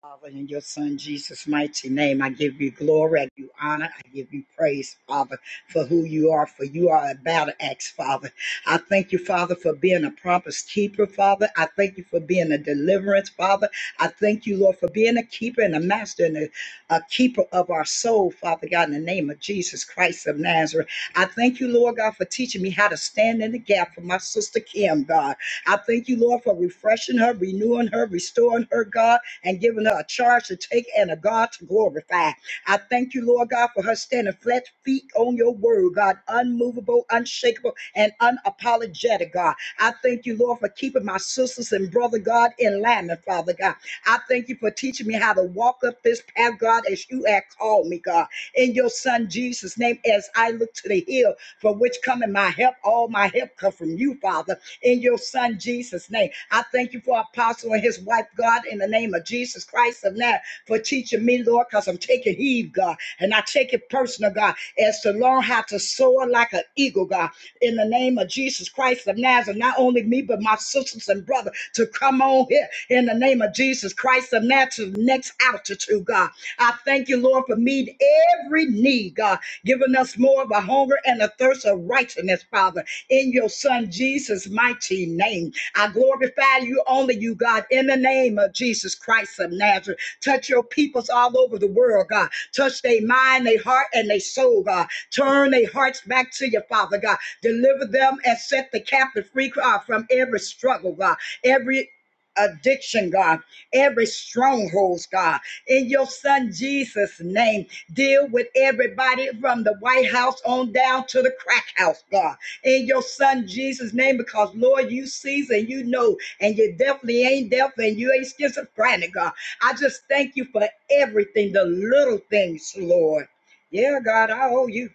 Speaker 4: Father, in your Son Jesus' mighty name, I give you glory, I give you honor, I give you praise, Father, for who you are, for you are a battle axe, Father. I thank you, Father, for being a promise keeper, Father. I thank you for being a deliverance, Father. I thank you, Lord, for being a keeper and a master and a, a keeper of our soul, Father God, in the name of Jesus Christ of Nazareth. I thank you, Lord God, for teaching me how to stand in the gap for my sister Kim, God. I thank you, Lord, for refreshing her, renewing her, restoring her, God and giving her a charge to take and a God to glorify. I thank you, Lord God, for her standing flat feet on your word, God, unmovable, unshakable, and unapologetic, God. I thank you, Lord, for keeping my sisters and brother, God, in line, and Father God. I thank you for teaching me how to walk up this path, God, as you have called me, God. In your son Jesus' name, as I look to the hill for which coming my help, all my help that come from you, Father, in your Son Jesus' name. I thank you for Apostle and his wife, God, in the name of Jesus Christ of Nazareth, for teaching me, Lord, because I'm taking heed, God, and I take it personal, God, as to learn how to soar like an eagle, God, in the name of Jesus Christ of Nazareth. Not only me, but my sisters and brother to come on here in the name of Jesus Christ of Nazareth, next altitude, God. I thank you, Lord, for me meet every need, God, giving us more of a hunger and a thirst of righteousness, Father, in your Son Jesus' mighty name. I glorify you, only you, God, in the name of Jesus Christ of Nazareth. Touch your peoples all over the world, God. Touch their mind, their heart, and their soul, God. Turn their hearts back to you, Father, God. Deliver them and set the captive free God, from every struggle, God. Every addiction, God, every strongholds, God, in your son Jesus' name. Deal with everybody from the White House on down to the crack house, God, in your son Jesus' name, because Lord, you sees and you know, and you definitely ain't deaf and you ain't schizophrenic, God. I just thank you for everything, the little things, Lord. Yeah, God, I owe you.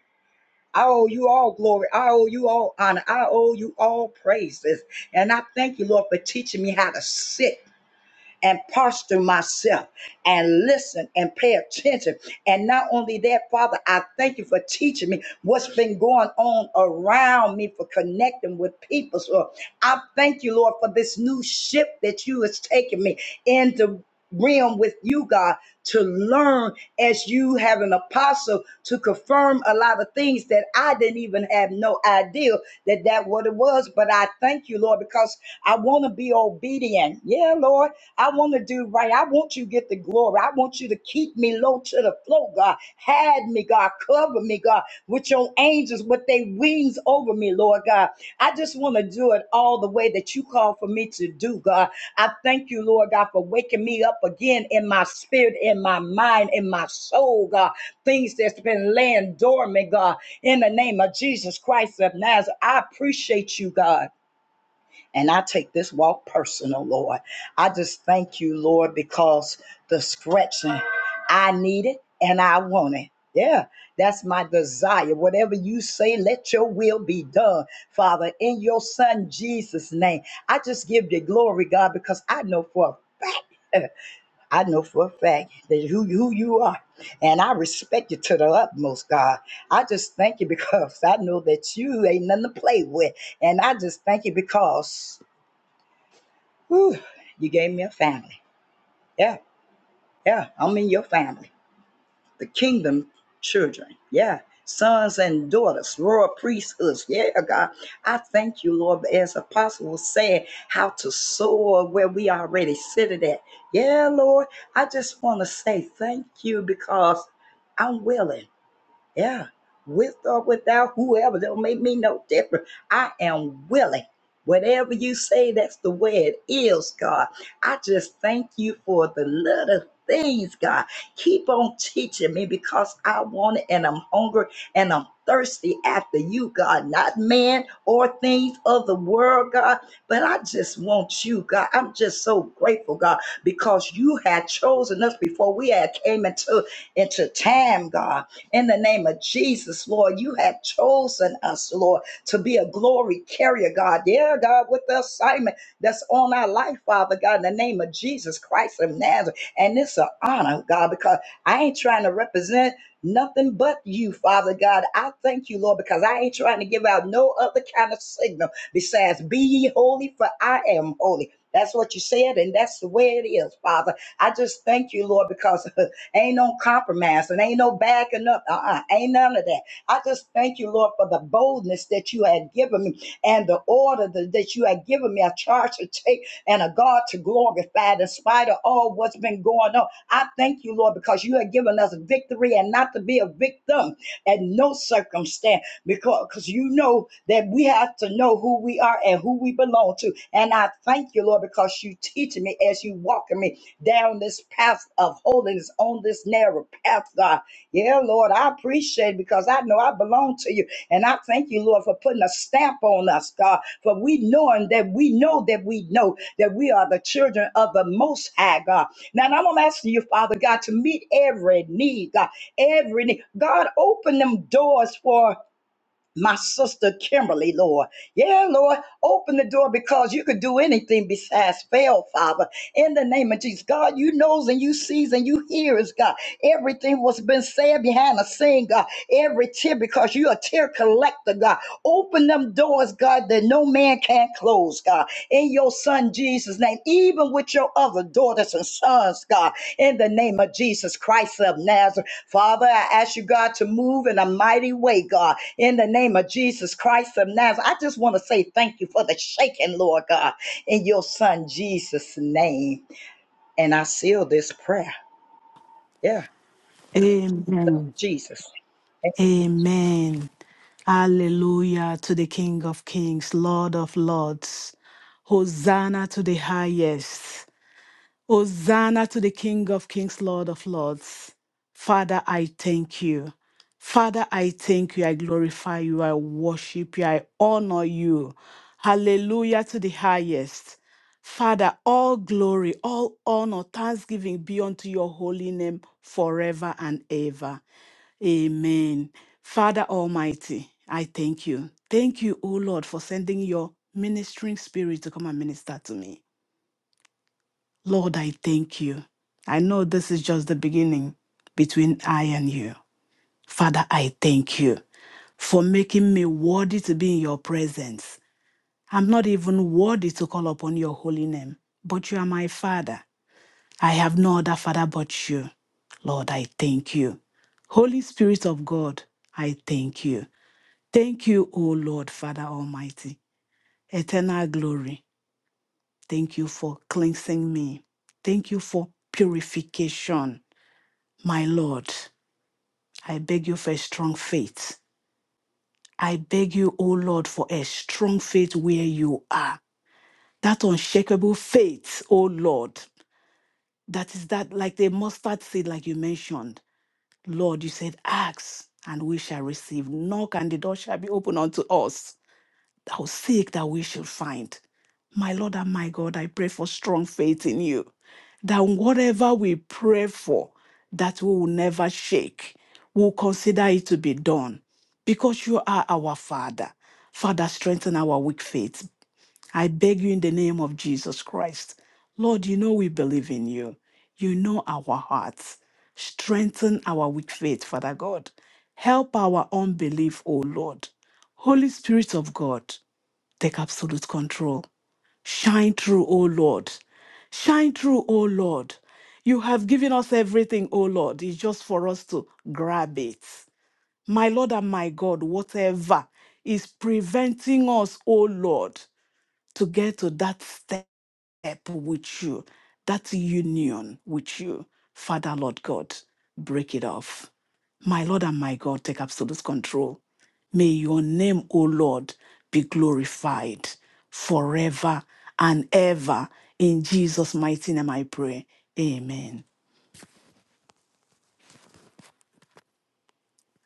Speaker 4: I owe you all glory. I owe you all honor. I owe you all praises. And I thank you, Lord, for teaching me how to sit and posture myself and listen and pay attention. And not only that, Father, I thank you for teaching me what's been going on around me for connecting with people. So I thank you, Lord, for this new ship that you has taken me into realm with you, God, to learn as you have an apostle to confirm a lot of things that I didn't even have no idea that that what it was. But I thank you, Lord, because I want to be obedient. Yeah, Lord. I want to do right. I want you to get the glory. I want you to keep me low to the floor, God. Hide me, God. Cover me, God, with your angels, with their wings over me, Lord God. I just want to do it all the way that you call for me to do, God. I thank you, Lord God, for waking me up again in my spirit, in my mind, in my soul, God. Things that's been laying dormant, God. In the name of Jesus Christ of Nazareth, I appreciate you, God. And I take this walk personal, Lord. I just thank you, Lord, because the scratching, I need it and I want it. Yeah, that's my desire. Whatever you say, let your will be done, Father, in your Son Jesus' name. I just give you glory, God, because I know for a fact- I know for a fact that who, who you are, and I respect you to the utmost, God. I just thank you because I know that you ain't nothing to play with, and I just thank you because. Whew, you gave me a family. Yeah, yeah, I'm in your family. The kingdom children. Yeah, sons and daughters, royal priesthoods. Yeah, God. I thank you, Lord, as Apostle said, how to soar where we already seated at. Yeah, Lord, I just want to say thank you because I'm willing. Yeah, with or without whoever, don't make me no different. I am willing. Whatever you say, that's the way it is, God. I just thank you for the little things, God. Keep on teaching me because I want it and I'm hungry and I'm thirsty after you, God, not man or things of the world, God. But I just want you, God. I'm just so grateful, God, because you had chosen us before we had came into into time, God. In the name of Jesus, Lord, you have chosen us, Lord, to be a glory carrier, God. Yeah, God, with the assignment that's on our life, Father God, in the name of Jesus Christ of Nazareth. And it's an honor, God, because I ain't trying to represent nothing but you, Father God. I thank you, Lord, because I ain't trying to give out no other kind of signal besides be ye holy, for I am holy. That's what you said, and that's the way it is, Father. I just thank you, Lord, because Ain't no compromise and ain't no backing up. Uh-uh. Ain't none of that. I just thank you, Lord, for the boldness that you had given me and the order that that you had given me, a charge to take and a God to glorify in spite of all what's been going on. I thank you, Lord, because you have given us victory and not to be a victim at no circumstance Because, because you know that we have to know who we are and who we belong to. And I thank you, Lord, because you teach me as you walk in me down this path of holiness on this narrow path, God. Yeah, Lord, I appreciate it because I know I belong to you. And I thank you, Lord, for putting a stamp on us, God, for we knowing that we know that we know that we are the children of the Most High, God. Now, and I'm asking you, Father God, to meet every need, God, every need. God, open them doors for my sister Kimberly, Lord. Yeah, Lord, open the door because you could do anything besides fail, Father. In the name of Jesus, God, you knows and you sees and you hears, God. Everything was been said behind the scene, God. Every tear because you a tear collector, God. Open them doors, God, that no man can close, God. In your son Jesus' name, even with your other daughters and sons, God, in the name of Jesus Christ of Nazareth. Father, I ask you, God, to move in a mighty way, God, in the name of Jesus Christ of Nazareth. I just want to say thank you for the shaking, Lord God, in your son Jesus' name. And I seal this prayer. Yeah, Lord
Speaker 5: Amen.
Speaker 4: Jesus.
Speaker 5: Amen. Hallelujah to the King of Kings, Lord of Lords. Hosanna to the highest. Hosanna to the King of Kings, Lord of Lords. Father, I thank you. Father, I thank you. I glorify you. I worship you. I honor you. Hallelujah to the highest. Father, all glory, all honor, thanksgiving be unto your holy name forever and ever. Amen. Father Almighty, I thank you. Thank you, O Lord, for sending your ministering spirit to come and minister to me. Lord, I thank you. I know this is just the beginning between I and you. Father, I thank you for making me worthy to be in your presence. I'm not even worthy to call upon your holy name, but you are my Father. I have no other Father but you. Lord, I thank you. Holy Spirit of God, I thank you. Thank you, O Lord, Father Almighty, eternal glory. Thank you for cleansing me. Thank you for purification, my Lord. I beg you for a strong faith. I beg you, O Lord, for a strong faith where you are. That unshakable faith, O Lord, that is that like the mustard seed, like you mentioned. Lord, you said, ask and we shall receive, knock and the door shall be open unto us. thou seek that we shall find. My Lord and my God, I pray for strong faith in you, that whatever we pray for, that we will never shake, we'll consider it to be done, because you are our Father. Father, strengthen our weak faith. I beg you in the name of Jesus Christ. Lord, you know we believe in you. You know our hearts. Strengthen our weak faith, Father God. Help our unbelief, O Lord. Holy Spirit of God, Take absolute control. Shine through, O Lord. Shine through, O Lord. You have given us everything, O Lord. It's just for us to grab it. My Lord and my God, whatever is preventing us, O Lord, to get to that step with you, that union with you, Father, Lord God, break it off my Lord and my God, take absolute control. May your name, O Lord, be glorified forever and ever. In Jesus' mighty name I pray. Amen.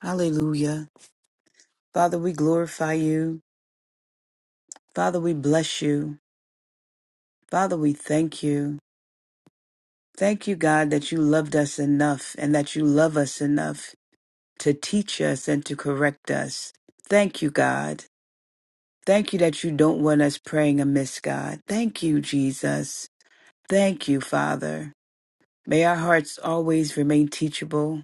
Speaker 6: Hallelujah. Father, we glorify you. Father, we bless you. Father, we thank you. Thank you, God, that you loved us enough and that you love us enough to teach us and to correct us. Thank you, God. Thank you that you don't want us praying amiss, God. Thank you, Jesus. Thank you, Father. May our hearts always remain teachable.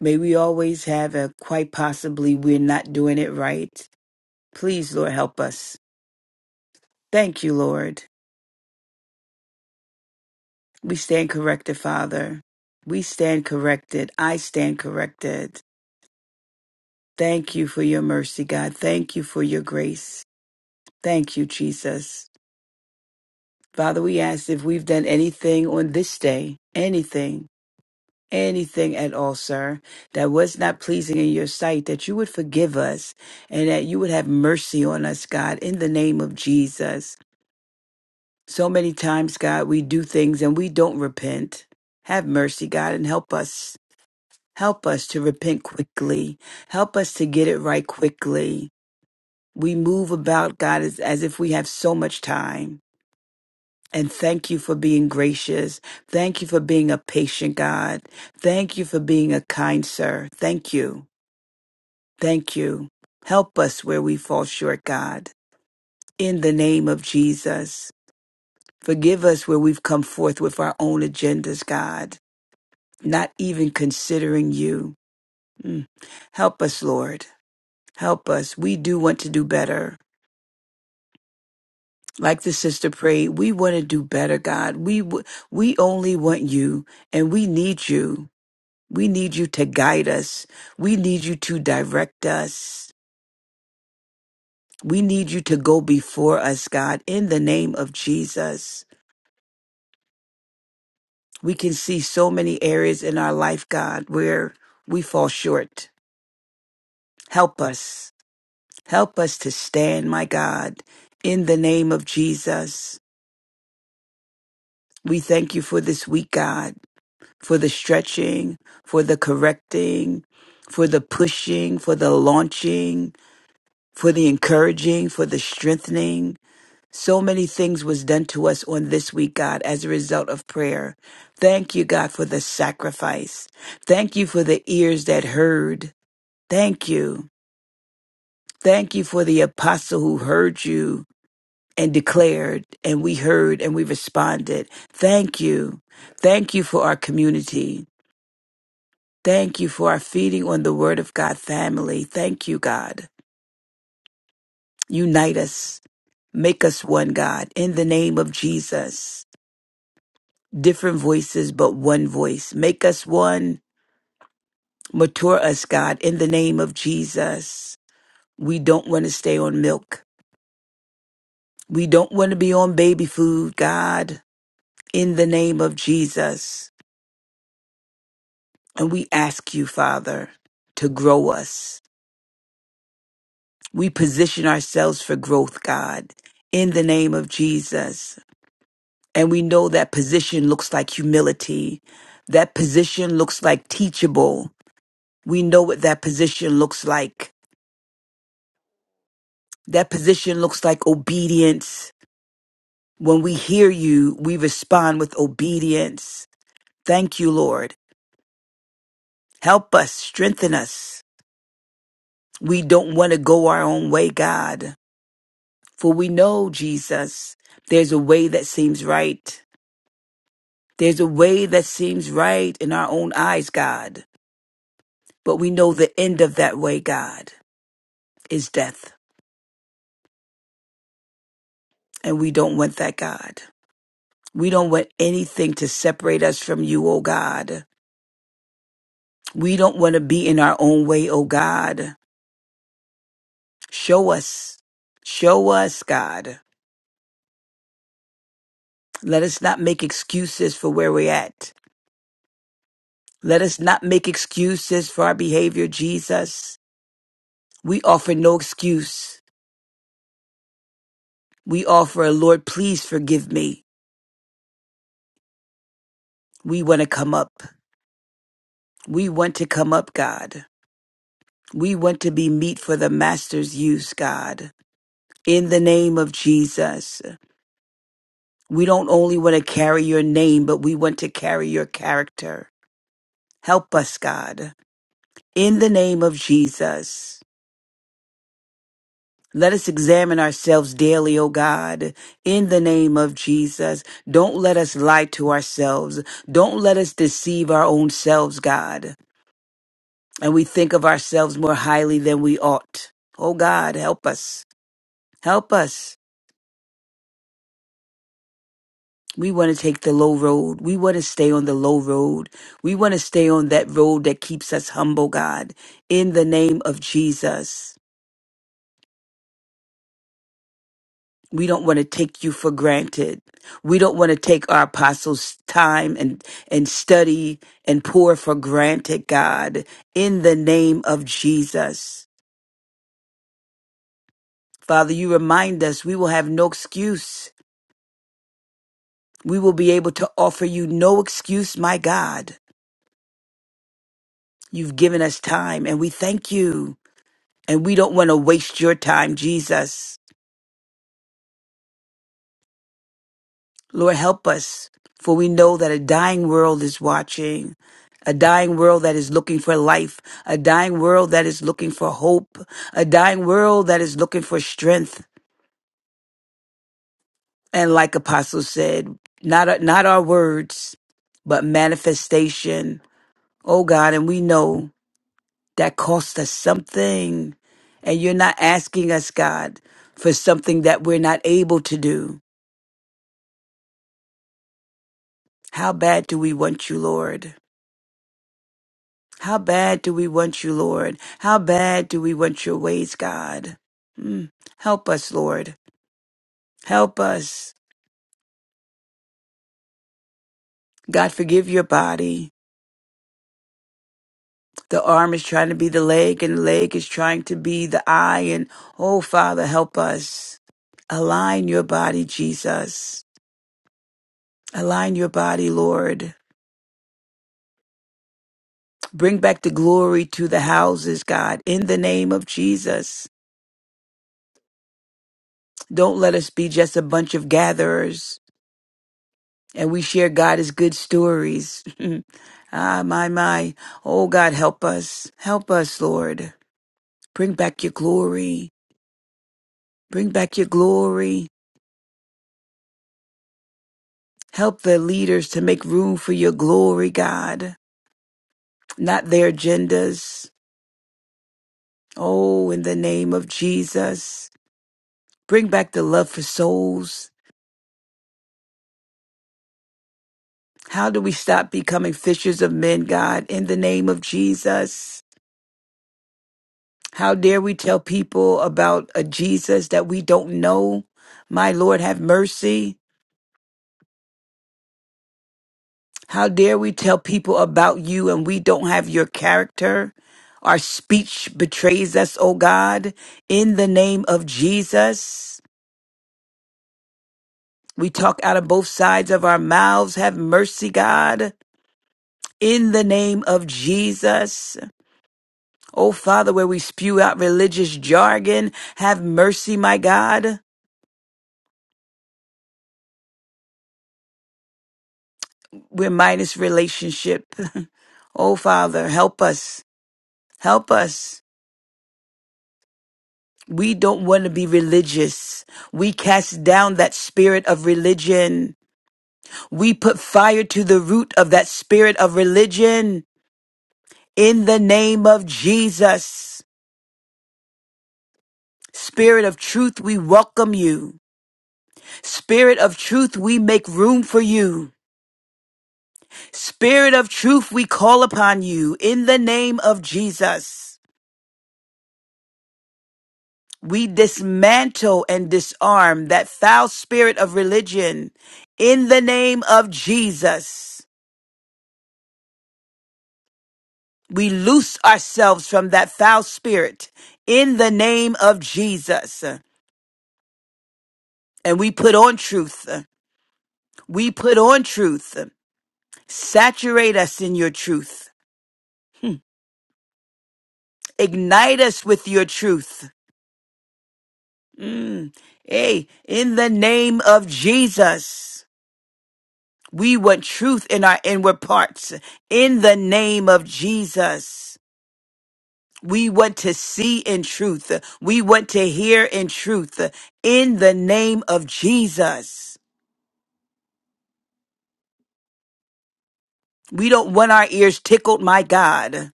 Speaker 6: May we always have a quite possibly we're not doing it right. Please, Lord, help us. Thank you, Lord. We stand corrected, Father. We stand corrected. I stand corrected. Thank you for your mercy, God. Thank you for your grace. Thank you, Jesus. Father, we ask if we've done anything on this day, anything, anything at all, sir, that was not pleasing in your sight, that you would forgive us and that you would have mercy on us, God, in the name of Jesus. So many times, God, we do things and we don't repent. Have mercy, God, and help us Help us to repent quickly. Help us to get it right quickly. We move about, God, as, as if we have so much time. And thank you for being gracious. Thank you for being a patient God. Thank you for being a kind sir. Thank you. Thank you. Help us where we fall short, God. In the name of Jesus, forgive us where we've come forth with our own agendas, God, not even considering you. Mm. Help us, Lord. Help us. We do want to do better. Like the sister prayed, we want to do better, God. We w- we only want you and we need you. We need you to guide us. We need you to direct us. We need you to go before us, God, in the name of Jesus. We can see so many areas in our life, God, where we fall short. Help us. Help us to stand, my God, in the name of Jesus. We thank you for this week, God. for the stretching, for the correcting, for the pushing, for the launching, for the encouraging, for the strengthening. So many things was done to us on this week, God, as a result of prayer. Thank you, God, for the sacrifice. Thank you for the ears that heard. Thank you. Thank you for the apostle who heard you and declared, and we heard and we responded. Thank you. Thank you for our community. Thank you for our feeding on the Word of God family. Thank you, God. Unite us. Make us one, God, in the name of Jesus. Different voices, but one voice. Make us one. Mature us, God, in the name of Jesus. We don't want to stay on milk. We don't want to be on baby food, God, in the name of Jesus. And we ask you, Father, to grow us. We position ourselves for growth, God, in the name of Jesus. And we know that position looks like humility. That position looks like teachable. We know what that position looks like. That position looks like obedience. When we hear you, we respond with obedience. Thank you, Lord. Help us, strengthen us. We don't want to go our own way, God. For we know, Jesus, there's a way that seems right. There's a way that seems right in our own eyes, God. But we know the end of that way, God. is death. And we don't want that, God. We don't want anything to separate us from you, oh God. We don't want to be in our own way, oh God. Show us. Show us, God. Let us not make excuses for where we're at. Let us not make excuses for our behavior, Jesus. We offer no excuse. We offer a Lord, please forgive me. We want to come up. We want to come up, God. We want to be meat for the Master's use, God. in the name of Jesus. We don't only want to carry your name, but we want to carry your character. Help us, God, in the name of Jesus. Let us examine ourselves daily, O God, in the name of Jesus. Don't let us lie to ourselves. Don't let us deceive our own selves, God. And we think of ourselves more highly than we ought. Oh God, help us. Help us. We want to take the low road. We want to stay on the low road. We want to stay on that road that keeps us humble, God, in the name of Jesus. We don't want to take you for granted. We don't want to take our apostles' time and, and study and pour for granted, God, in the name of Jesus. Father, you remind us we will have no excuse. We will be able to offer you no excuse, my God. You've given us time and we thank you. And we don't want to waste your time, Jesus. Lord, help us, for we know that a dying world is watching, a dying world that is looking for life, a dying world that is looking for hope, a dying world that is looking for strength. And like Apostle said, not, not our words, but manifestation. Oh God, and we know that costs us something. And you're not asking us, God, for something that we're not able to do. How bad do we want you, Lord? How bad do we want you, Lord? How bad do we want your ways, God? Mm. Help us, Lord. Help us. God, forgive your body. The arm is trying to be the leg, and the leg is trying to be the eye. And oh, Father, help us. Align your body, Jesus. Align your body, Lord. Bring back the glory to the houses, God, in the name of Jesus. Don't let us be just a bunch of gatherers. and we share God is good stories. ah, my, my. Oh, God, help us. Help us, Lord. Bring back your glory. Bring back your glory. Help the leaders to make room for your glory, God, not their agendas. Oh, in the name of Jesus, bring back the love for souls. How do we stop becoming fishers of men, God, in the name of Jesus? How dare we tell people about a Jesus that we don't know? My Lord, have mercy. How dare we tell people about you and we don't have your character? Our speech betrays us, O God. In the name of Jesus, we talk out of both sides of our mouths. Have mercy, God. In the name of Jesus. O Father, where we spew out religious jargon, have mercy, my God. We're Midas relationship. oh, Father, help us. Help us. We don't want to be religious. We cast down that spirit of religion. We put fire to the root of that spirit of religion in the name of Jesus. Spirit of truth, we welcome you. Spirit of truth, we make room for you. Spirit of truth, we call upon you in the name of Jesus. We dismantle and disarm that foul spirit of religion in the name of Jesus. We loose ourselves from that foul spirit in the name of Jesus. And we put on truth. We put on truth. Saturate us in your truth. Ignite us with your truth. Mm. Hey, in the name of Jesus. We want truth in our inward parts. In the name of Jesus. We want to see in truth. We want to hear in truth. In the name of Jesus. We don't want our ears tickled, my God.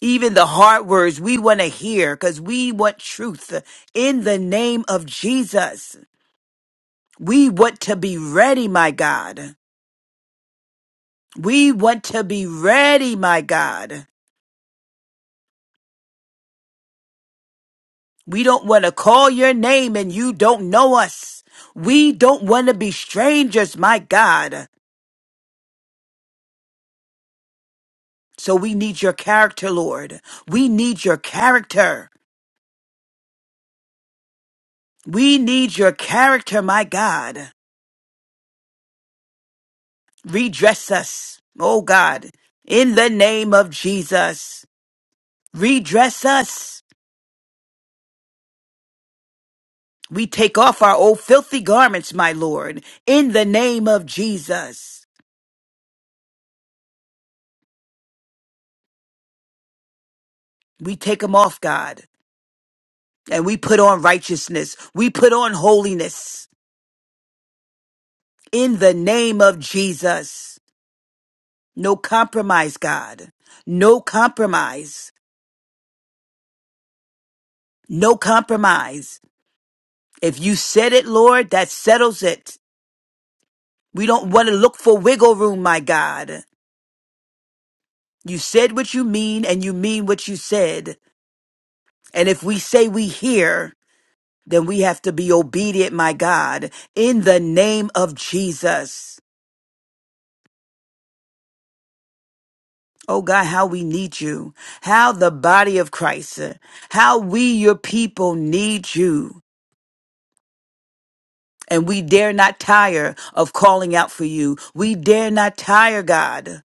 Speaker 6: Even the hard words we want to hear because we want truth. In the name of Jesus. We want to be ready, my God. We want to be ready, my God. We don't want to call your name and you don't know us. We don't want to be strangers, my God. So we need your character, Lord. We need your character. We need your character, my God. Redress us, oh God, in the name of Jesus. Redress us. We take off our old filthy garments, my Lord, in the name of Jesus. We take them off, God, and we put on righteousness. We put on holiness. in the name of Jesus. No compromise, God. No compromise. No compromise. If you said it, Lord, that settles it. We don't want to look for wiggle room, my God. You said what you mean and you mean what you said. And if we say we hear, then we have to be obedient, my God, in the name of Jesus. Oh God, how we need you. How the body of Christ, how we, your people, need you. And we dare not tire of calling out for you. We dare not tire, God,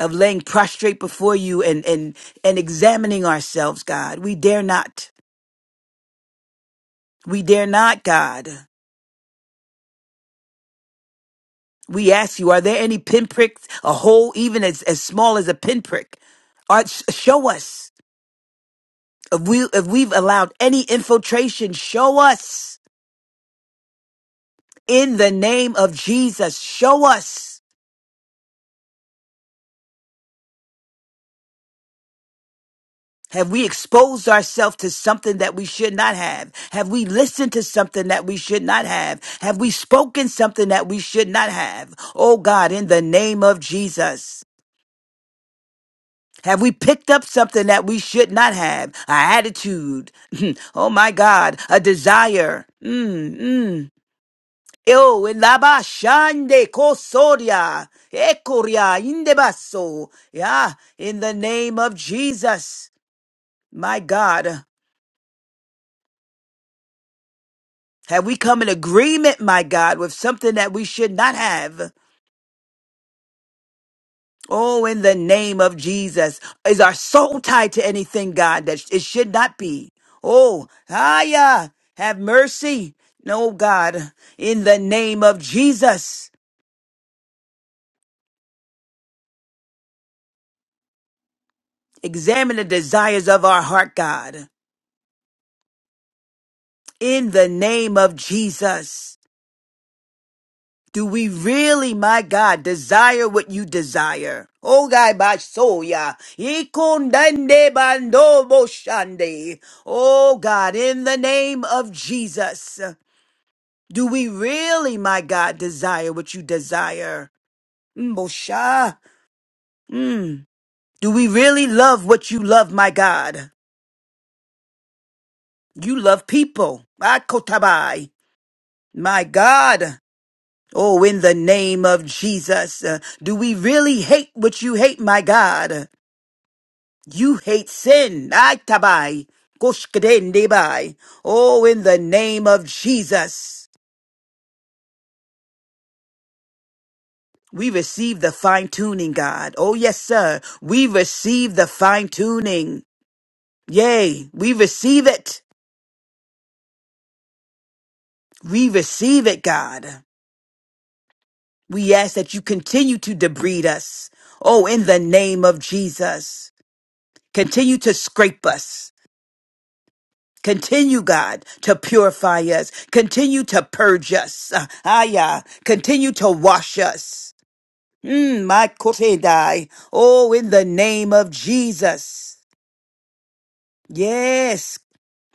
Speaker 6: of laying prostrate before you and, and, and examining ourselves, God. We dare not. We dare not, God. We ask you, are there any pinpricks, a hole even as, as small as a pinprick? Or sh- show us if we if we've allowed any infiltration. Show us in the name of Jesus. Show us. Have we exposed ourselves to something that we should not have? Have we listened to something that we should not have? Have we spoken something that we should not have? Oh God, in the name of Jesus. Have we picked up something that we should not have? An attitude. oh my God, a desire. Mm, mm. Oh, in la ba shande kosoria, ekoria indebaso. Yeah, in the name of Jesus, my God. Have we come in agreement, my God, with something that we should not have? Oh, in the name of Jesus. Is our soul tied to anything, God, that it should not be? Oh, hiya. Have mercy. No, God, in the name of Jesus. Examine the desires of our heart, God. In the name of Jesus. Do we really, my God, desire what you desire? Oh, God, my soul, yeah. Ikundande bando boshande. Oh, God, in the name of Jesus, do we really, my God, desire what you desire? Mm, Bosha. Mm. Do we really love what you love, my God? You love people. Akotabai. My God. Oh, in the name of Jesus, uh, do we really hate what you hate, my God? You hate sin. Ay, tabai. Koshkadendebai. Oh, in the name of Jesus. We receive the fine tuning, God. Oh, yes, sir. We receive the fine tuning. Yay. We receive it. We receive it, God. We ask that you continue to debride us. Oh, in the name of Jesus. Continue to scrape us. Continue, God, to purify us. Continue to purge us. Ah, ah, yeah. Continue to wash us. Mm, my kosedai. Oh, in the name of Jesus. Yes.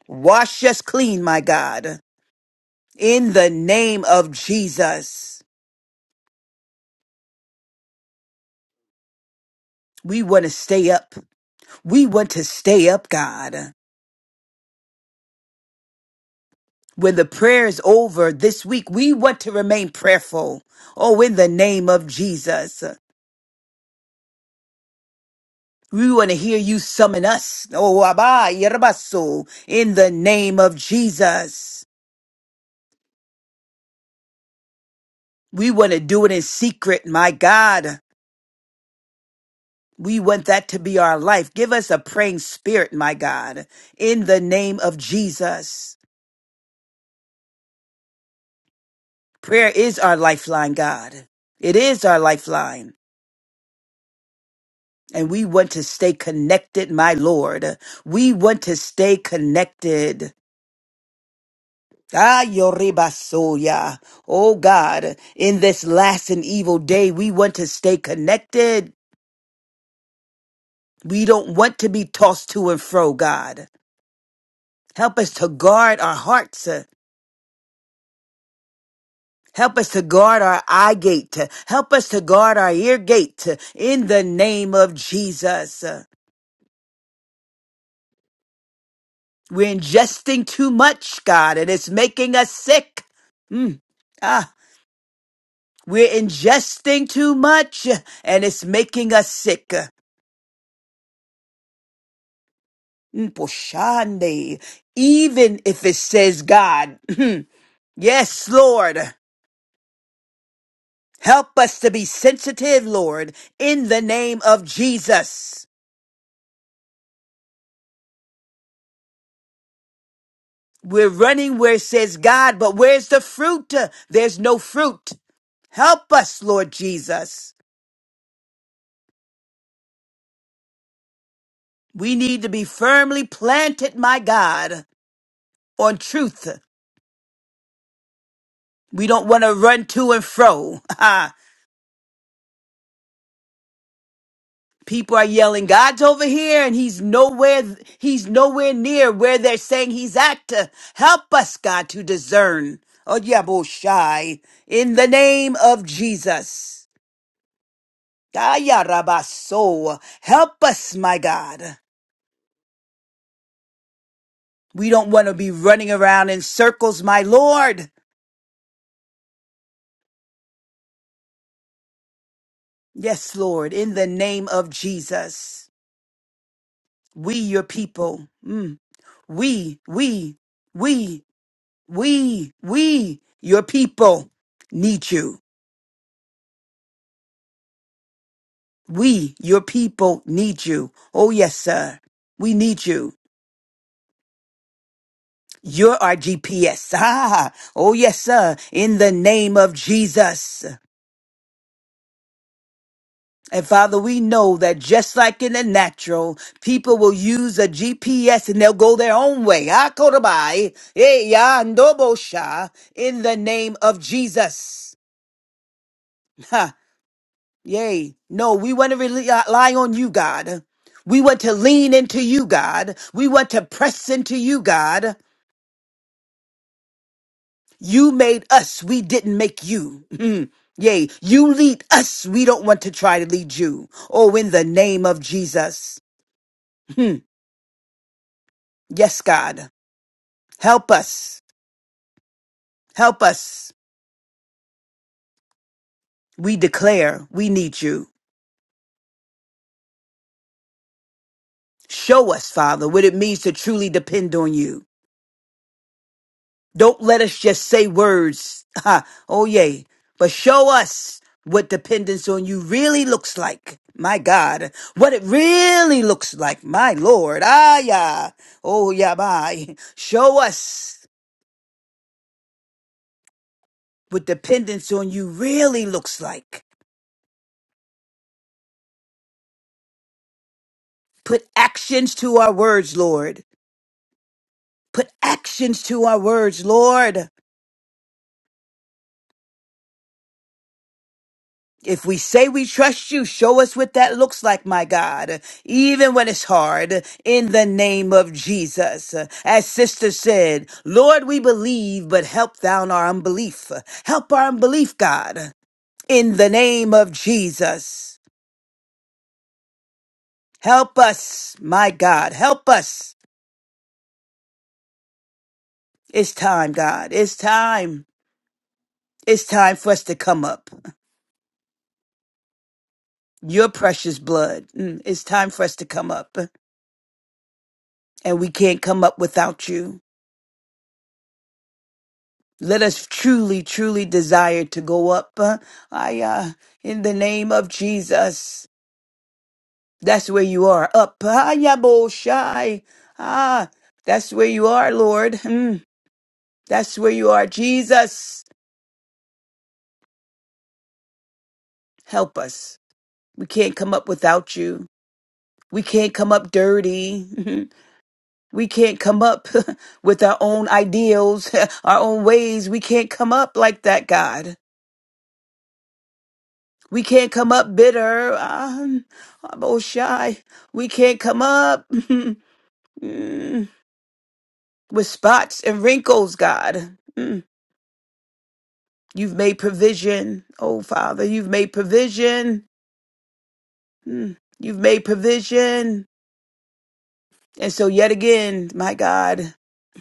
Speaker 6: Wash us clean, my God. In the name of Jesus. We want to stay up. We want to stay up, God. When the prayer is over this week, we want to remain prayerful. Oh, in the name of Jesus. We want to hear you summon us. Oh, Abba, Yerabaso, in the name of Jesus. We want to do it in secret, my God. We want that to be our life. Give us a praying spirit, my God, in the name of Jesus. Prayer is our lifeline, God. It is our lifeline. And we want to stay connected, my Lord. We want to stay connected. Ah, Yoribasoya. Oh God, in this last and evil day, we want to stay connected. We don't want to be tossed to and fro, God. Help us to guard our hearts. uh, Help us to guard our eye gate. uh, Help us to guard our ear gate uh, in the name of Jesus. Uh, We're ingesting too much, God, and it's making us sick. Mm. Ah, we're ingesting too much and it's making us sick. Mposhande. Even if it says God. yes, Lord. Help us to be sensitive, Lord, in the name of Jesus. We're running where it says God, but where's the fruit? There's no fruit. Help us, Lord Jesus. We need to be firmly planted, my God, on truth. We don't want to run to and fro. People are yelling, God's over here, and he's nowhere, he's nowhere near where they're saying he's at. To Help us, God, to discern. Oh, yeah, Boshai, in the name of Jesus. Gaya Rabaso, help us, my God. We don't want to be running around in circles, my Lord. Yes, Lord, in the name of Jesus. We, your people, mm, we, we, we. We, we, your people need you. We, your people need you. Oh, yes, sir. We need you. You're our GPS. Ah, oh, yes, sir. In the name of Jesus. And Father, we know that just like in the natural, people will use a GPS and they'll go their own way. Ah, Kodabai. Eh, ya, ndobosha. In the name of Jesus. Yay. No, we want to rely on you, God. We want to lean into you, God. We want to press into you, God. You made us. We didn't make you. Mm. Yay. You lead us. We don't want to try to lead you. Oh, in the name of Jesus. Hmm. Yes, God. Help us. Help us. We declare we need you. Show us, Father, what it means to truly depend on you. Don't let us just say words. Ha. oh, yay. But show us what dependence on you really looks like. My God. What it really looks like. My Lord. Ah, yeah. Oh, yeah, bye. Show us what dependence on you really looks like. Put actions to our words, Lord. Put actions to our words, Lord. If we say we trust you, show us what that looks like, my God, even when it's hard, in the name of Jesus. As sister said, Lord, we believe, but help down our unbelief. Help our unbelief, God, in the name of Jesus. Help us, my God, help us. It's time, God, it's time. It's time for us to come up. Your precious blood. Mm, It's time for us to come up. And we can't come up without you. Let us truly, truly desire to go up. uh, I, uh, in the name of Jesus, that's where you are. Up. Ah, yabo shai. Ah, that's where you are, Lord. Mm, that's where you are. Jesus, help us. We can't come up without you. We can't come up dirty. We can't come up with our own ideals, our own ways. We can't come up like that, God. We can't come up bitter. I'm, I'm all shy. We can't come up mm, with spots and wrinkles, God. Mm. You've made provision. Oh, Father, you've made provision. Mm. You've made provision. And so, yet again, my God.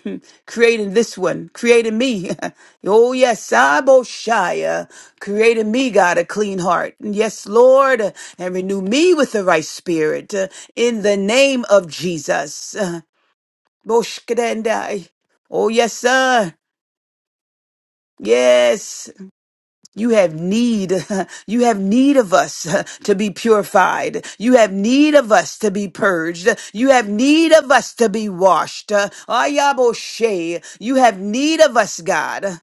Speaker 6: Hmm. creating this one, creating me. oh, yes, Aboshiah, creating me, God, a clean heart. Yes, Lord, and renew me with the right spirit uh, in the name of Jesus. Uh, Boshkadendai. Oh, yes, sir. Yes. You have need. You have need of us to be purified. You have need of us to be purged. You have need of us to be washed. Ayaboshe. You have need of us, God.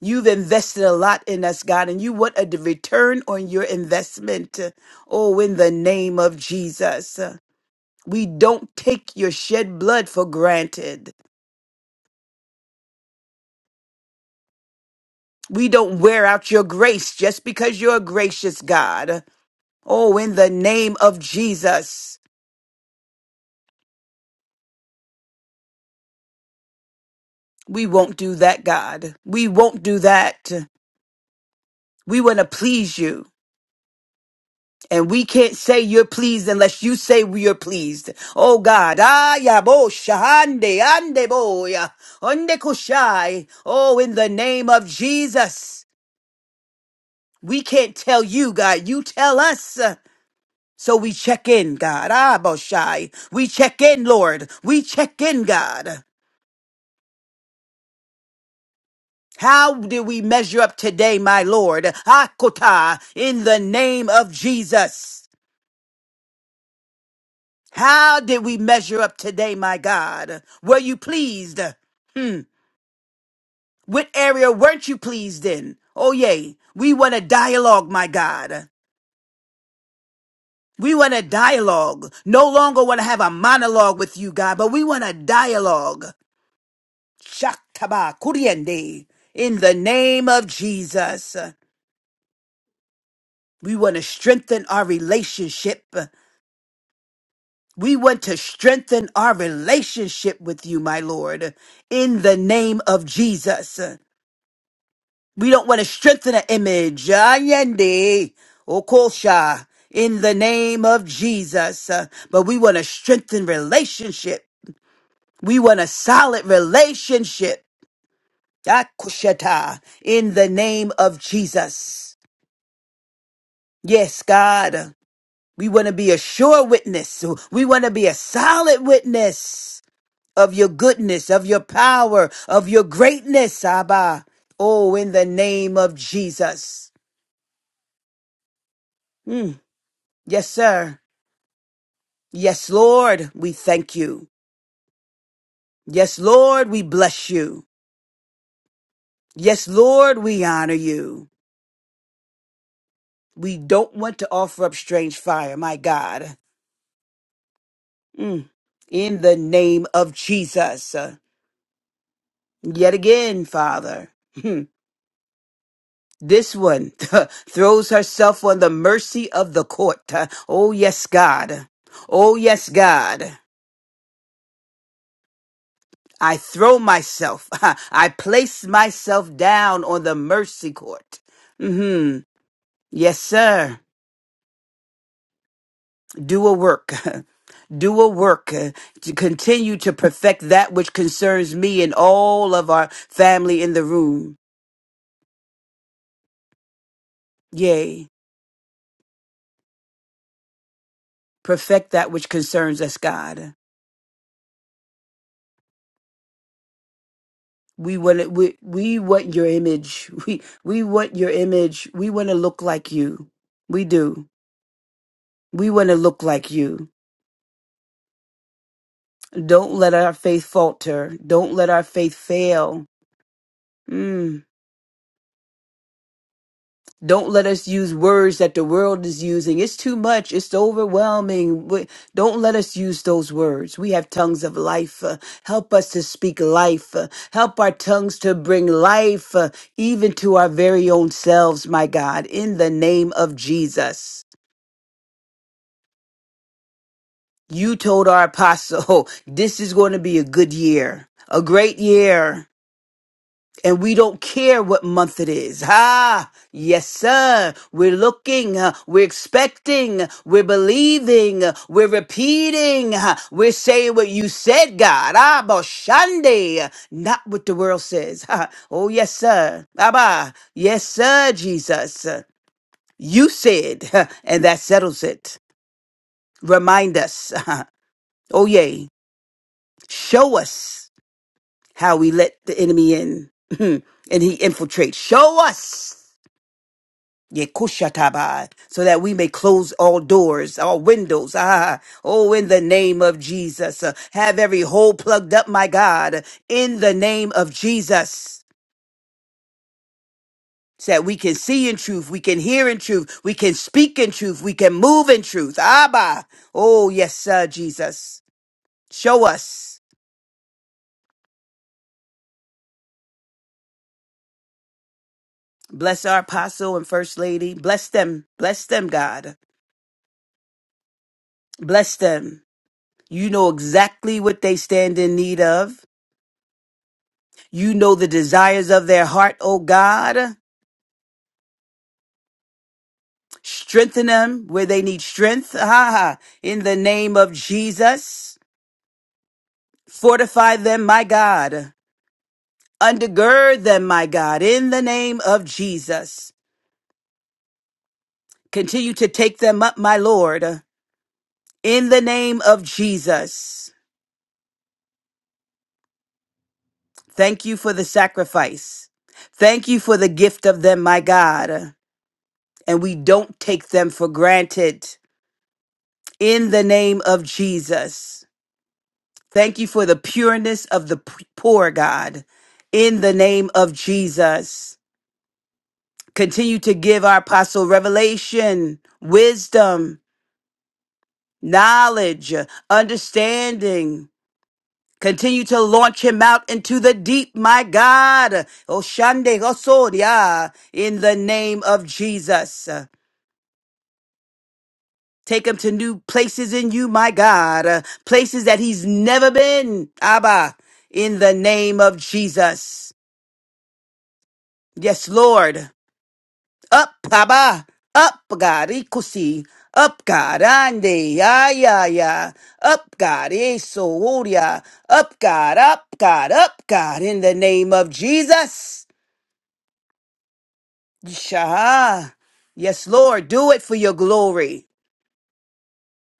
Speaker 6: You've invested a lot in us, God, and you want a d- return on your investment. Oh, in the name of Jesus. We don't take your shed blood for granted. We don't wear out your grace just because you're a gracious God. Oh, in the name of Jesus, we won't do that, God. We won't do that. We want to please you. And we can't say you're pleased unless you say we are pleased. Oh God. Ah, ya bo shahande ande boya. Onde kushai. Oh, in the name of Jesus. We can't tell you, God. You tell us. So we check in, God. Ah, Boshai. We check in, Lord. We check in, God. How do we measure up today, my Lord? Hakota, in the name of Jesus. How did we measure up today, my God? Were you pleased? Hmm. What area weren't you pleased in? Oh, yay. We want a dialogue, my God. We want a dialogue. No longer want to have a monologue with you, God, but we want a dialogue. Shaktaba kuriende. In the name of Jesus, we want to strengthen our relationship. We want to strengthen our relationship with you, my Lord, in the name of Jesus. We don't want to strengthen an image. Ayende, Okosha, in the name of Jesus. But we want to strengthen relationship. We want a solid relationship. Akushata, in the name of Jesus. Yes, God. We want to be a sure witness. We want to be a solid witness of your goodness, of your power, of your greatness, Abba. Oh, in the name of Jesus. Mm. Yes, sir. Yes, Lord, we thank you. Yes, Lord, we bless you. Yes, Lord, we honor you. We don't want to offer up strange fire, my God. Mm. In the name of Jesus. Yet again, Father. This one throws herself on the mercy of the court. Oh, yes, God. Oh, yes, God. I throw myself, I place myself down on the mercy court. hmm Yes, sir. Do a work. Do a work uh, to continue to perfect that which concerns me and all of our family in the room. Yea, perfect that which concerns us, God. We want we we want your image. We we want your image. We want to look like you. We do. We want to look like you. Don't let our faith falter. Don't let our faith fail. Mm. Don't let us use words that the world is using. It's too much. It's overwhelming. We- Don't let us use those words. We have tongues of life. Uh, Help us to speak life. Uh, Help our tongues to bring life uh, even to our very own selves, my God, in the name of Jesus. You told our apostle, this is going to be a good year, a great year. and we don't care what month it is. Ah, yes, sir. We're looking, uh, we're expecting, we're believing, uh, we're repeating, uh, we're saying what you said, God. Ah, Boshande, not what the world says. Ah, Oh, yes, sir. Abba, yes, sir, Jesus. Uh, You said, huh, and that settles it. Remind us. Oh, yay. Show us how we let the enemy in and he infiltrates. Show us. Yekushataba, so that we may close all doors, all windows. Ah, oh, in the name of Jesus. Uh, Have every hole plugged up, my God, in the name of Jesus. So that we can see in truth, we can hear in truth, we can speak in truth, we can move in truth. Abba. Oh, yes, sir, Jesus. Show us. Bless our apostle and first lady. Bless them. Bless them, God. Bless them. You know exactly what they stand in need of. You know the desires of their heart, O God. Strengthen them where they need strength. Ha ha. In the name of Jesus. Fortify them, my God. Undergird them, my God. In the name of Jesus. Continue to take them up, my Lord. In the name of Jesus. Thank you for the sacrifice. Thank you for the gift of them, my God. And we don't take them for granted. In the name of Jesus. Thank you for the pureness of the p- poor, God. In the name of Jesus, continue to give our apostle revelation, wisdom, knowledge, understanding. Continue to launch him out into the deep, my God. Oshande Osoria, in the name of Jesus. Take him to new places in you, my God. Places that he's never been. Abba, in the name of Jesus. Yes, Lord. Up, Baba. Up, God. Ikusi. Up, God. Ande. Ya, ya, ya. Up, God. Eso, Up, God. Up, God. Up, God. In the name of Jesus. Shaha. Yes, Lord. Do it for your glory.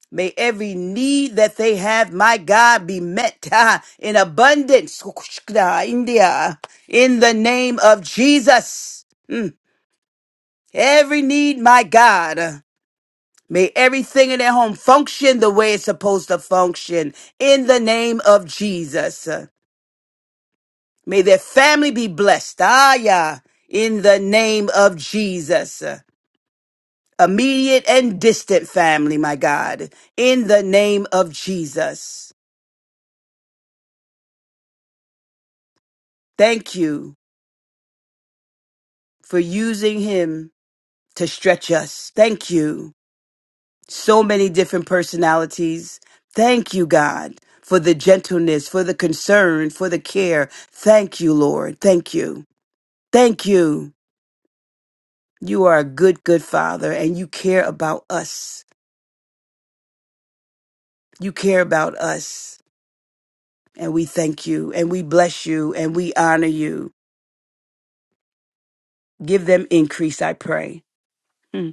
Speaker 6: May every need that they have, my God, be met ah, in abundance. Kukushkda, India. In the name of Jesus. Mm. Every need, my God. May everything in their home function the way it's supposed to function in the name of Jesus. May their family be blessed. Ah, yeah. In the name of Jesus. Immediate and distant family, my God. In the name of Jesus. Thank you for using him to stretch us. Thank you so many different personalities. Thank you, God, for the gentleness, for the concern, for the care. Thank you, Lord. Thank you. Thank you. You are a good, good Father, and you care about us. You care about us. And we thank you, and we bless you, and we honor you. Give them increase, I pray. Hmm.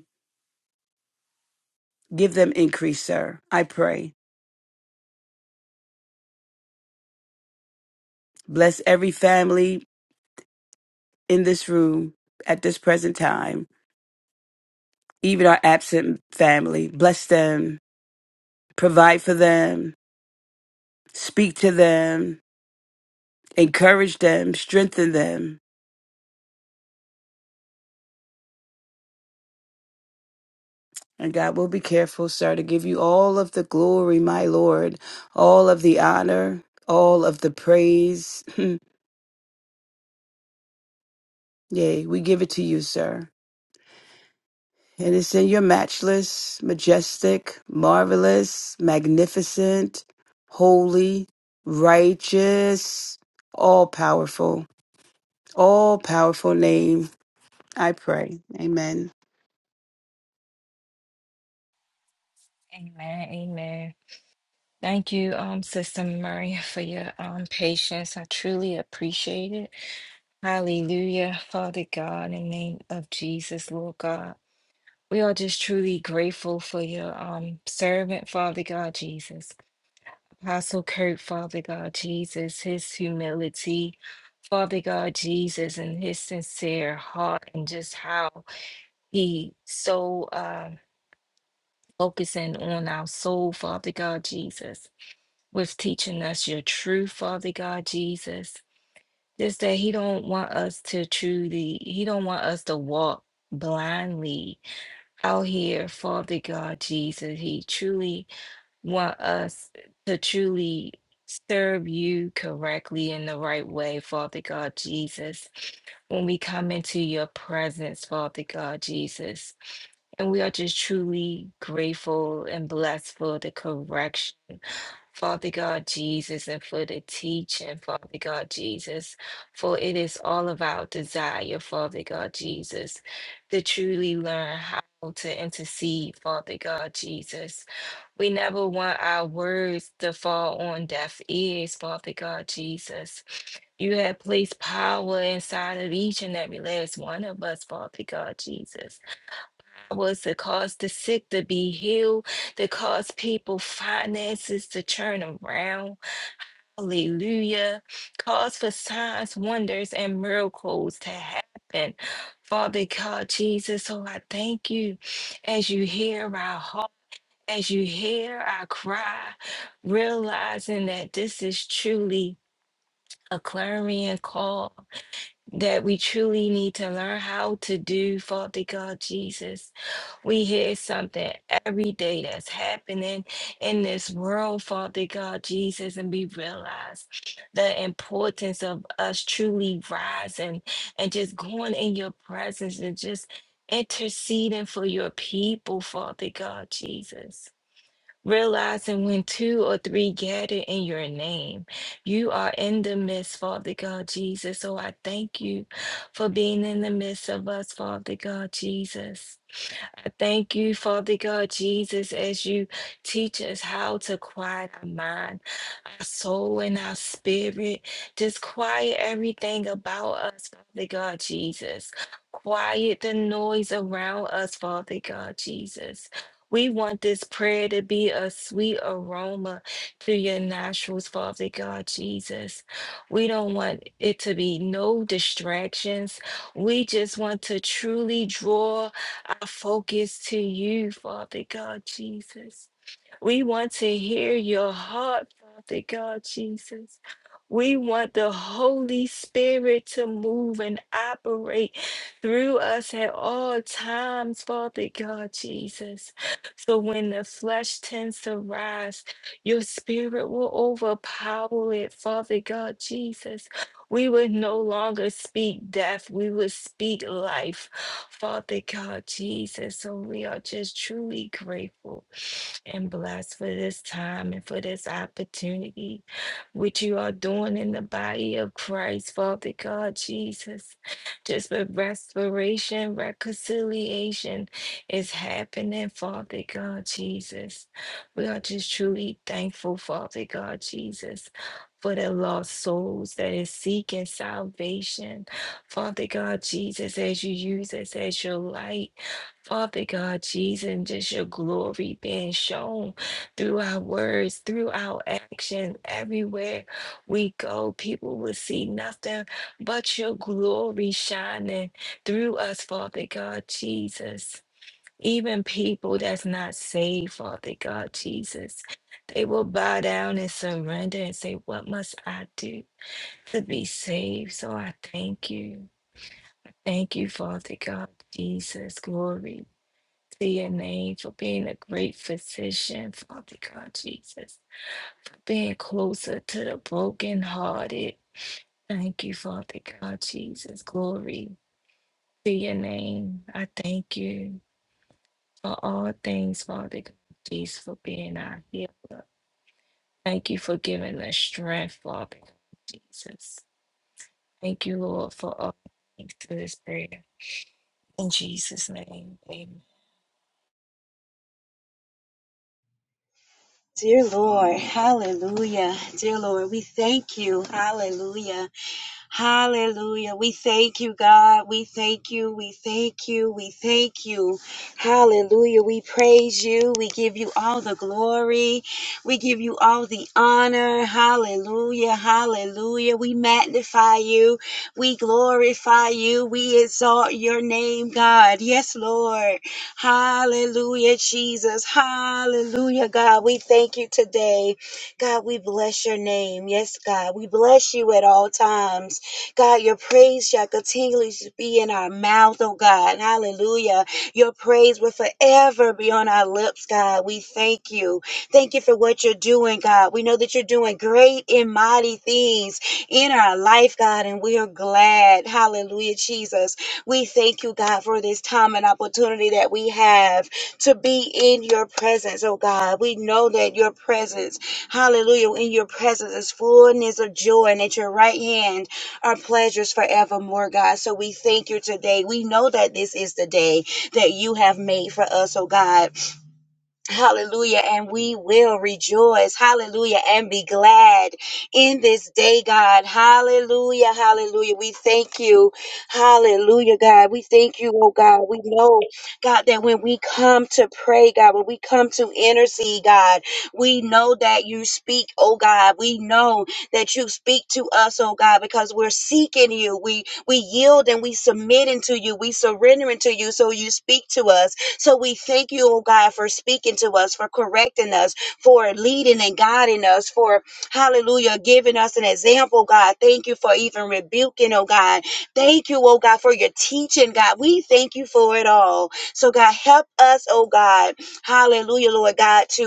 Speaker 6: Give them increase, sir. I pray. Bless every family in this room at this present time. even our absent family. Bless them, provide for them, speak to them, encourage them, strengthen them. And God will be careful, sir, to give you all of the glory, my Lord, all of the honor, all of the praise. Yea, we give it to you, sir. And it's in your matchless, majestic, marvelous, magnificent, holy, righteous, all powerful, all powerful name I pray. Amen.
Speaker 7: Amen. Amen. Thank you, um, Sister Maria, for your um patience. I truly appreciate it. Hallelujah, Father God, in the name of Jesus, Lord God. We are just truly grateful for your um servant, Father God Jesus. Apostle Kurt, Father God Jesus, his humility, Father God Jesus, and his sincere heart, and just how he so uh focusing on our soul, Father God Jesus. was teaching us your truth, Father God Jesus. Just that He don't want us to truly, He don't want us to walk blindly out here, Father God Jesus. He truly want us to truly serve you correctly in the right way, Father God Jesus. When we come into your presence, Father God Jesus. And we are just truly grateful and blessed for the correction. Father God Jesus, and for the teaching, Father God Jesus, for it is all of our desire, Father God Jesus, to truly learn how to intercede, Father God Jesus. We never want our words to fall on deaf ears, Father God Jesus. You have placed power inside of each and every last one of us, Father God Jesus was to cause the sick to be healed, to cause people finances to turn around. Hallelujah. Cause for signs, wonders, and miracles to happen. Father God, Jesus, oh, I thank you as you hear our heart, as you hear our cry, realizing that this is truly a clarion call that we truly need to learn how to do, Father God, Jesus. We hear something every day that's happening in this world, Father God Jesus, and we realize the importance of us truly rising and just going in your presence and just interceding for your people, Father God Jesus. Realizing when two or three gather in your name, you are in the midst, Father God Jesus. So I thank you for being in the midst of us, Father God Jesus. I thank you, Father God, Jesus, as you teach us how to quiet our mind, our soul, and our spirit. Just quiet everything about us, Father God, Jesus. Quiet the noise around us, Father God, Jesus. We want this prayer to be a sweet aroma to your nostrils, Father God, Jesus. We don't want it to be no distractions. We just want to truly draw our focus to you, Father God Jesus. We want to hear your heart, Father God Jesus. We want the Holy Spirit to move and operate through us at all times, Father God Jesus. So when the flesh tends to rise, your spirit will overpower it, Father God Jesus. We would no longer speak death. We would speak life. Father God, Jesus. So we are just truly grateful and blessed for this time and for this opportunity, which you are doing in the body of Christ, Father God, Jesus. Just for restoration, reconciliation is happening, Father God, Jesus. We are just truly thankful, Father God, Jesus for the lost souls that is seeking salvation. Father God, Jesus, as you use us as your light, Father God, Jesus, and just your glory being shown through our words, through our actions, everywhere we go, people will see nothing but your glory shining through us, Father God, Jesus. Even people that's not saved, Father God Jesus, they will bow down and surrender and say, What must I do to be saved? So I thank you. Thank you, Father God Jesus. Glory to your name for being a great physician, Father God Jesus, being closer to the brokenhearted. Thank you, Father God Jesus. Glory to your name. I thank you. for all things, Father. God. Jesus, for being our healer. Thank you for giving us strength, Father. God, Jesus. Thank you, Lord, for all things to this prayer. In Jesus' name, amen.
Speaker 8: Dear Lord, hallelujah. Dear Lord, we thank you. Hallelujah. Hallelujah. We thank you, God. We thank you. We thank you. We thank you. Hallelujah. We praise you. We give you all the glory. We give you all the honor. Hallelujah. Hallelujah. We magnify you. We glorify you. We exalt your name, God. Yes, Lord. Hallelujah, Jesus. Hallelujah, God. We thank you today. God, we bless your name. Yes, God, we bless you at all times. God, your praise shall continually be in our mouth, oh God. Hallelujah. Your praise will forever be on our lips, God. We thank you. Thank you for what you're doing, God. We know that you're doing great and mighty things in our life, God, and we are glad. Hallelujah, Jesus. We thank you, God, for this time and opportunity that we have to be in your presence, oh God. We know that your presence Hallelujah. In your presence is fullness of joy, and at your right hand are pleasures forevermore, God. So we thank you today. We know that this is the day that you have made for us, oh God. Hallelujah. And we will rejoice. Hallelujah. And be glad in this day, God. Hallelujah. Hallelujah. We thank you. Hallelujah, God. We thank you, oh God. We know, God, that when we come to pray, God, when we come to intercede, God, we know that you speak, oh God. We know that you speak to us, oh God, because we're seeking you. We we yield and we submit into you. We surrender into you. So you speak to us. So we thank you, oh God, for speaking to us, for correcting us, for leading and guiding us, for hallelujah, giving us an example, God. Thank you for even rebuking, oh God. Thank you, oh God, for your teaching, God. We thank you for it all. So, God, help us, oh God, hallelujah, Lord God, to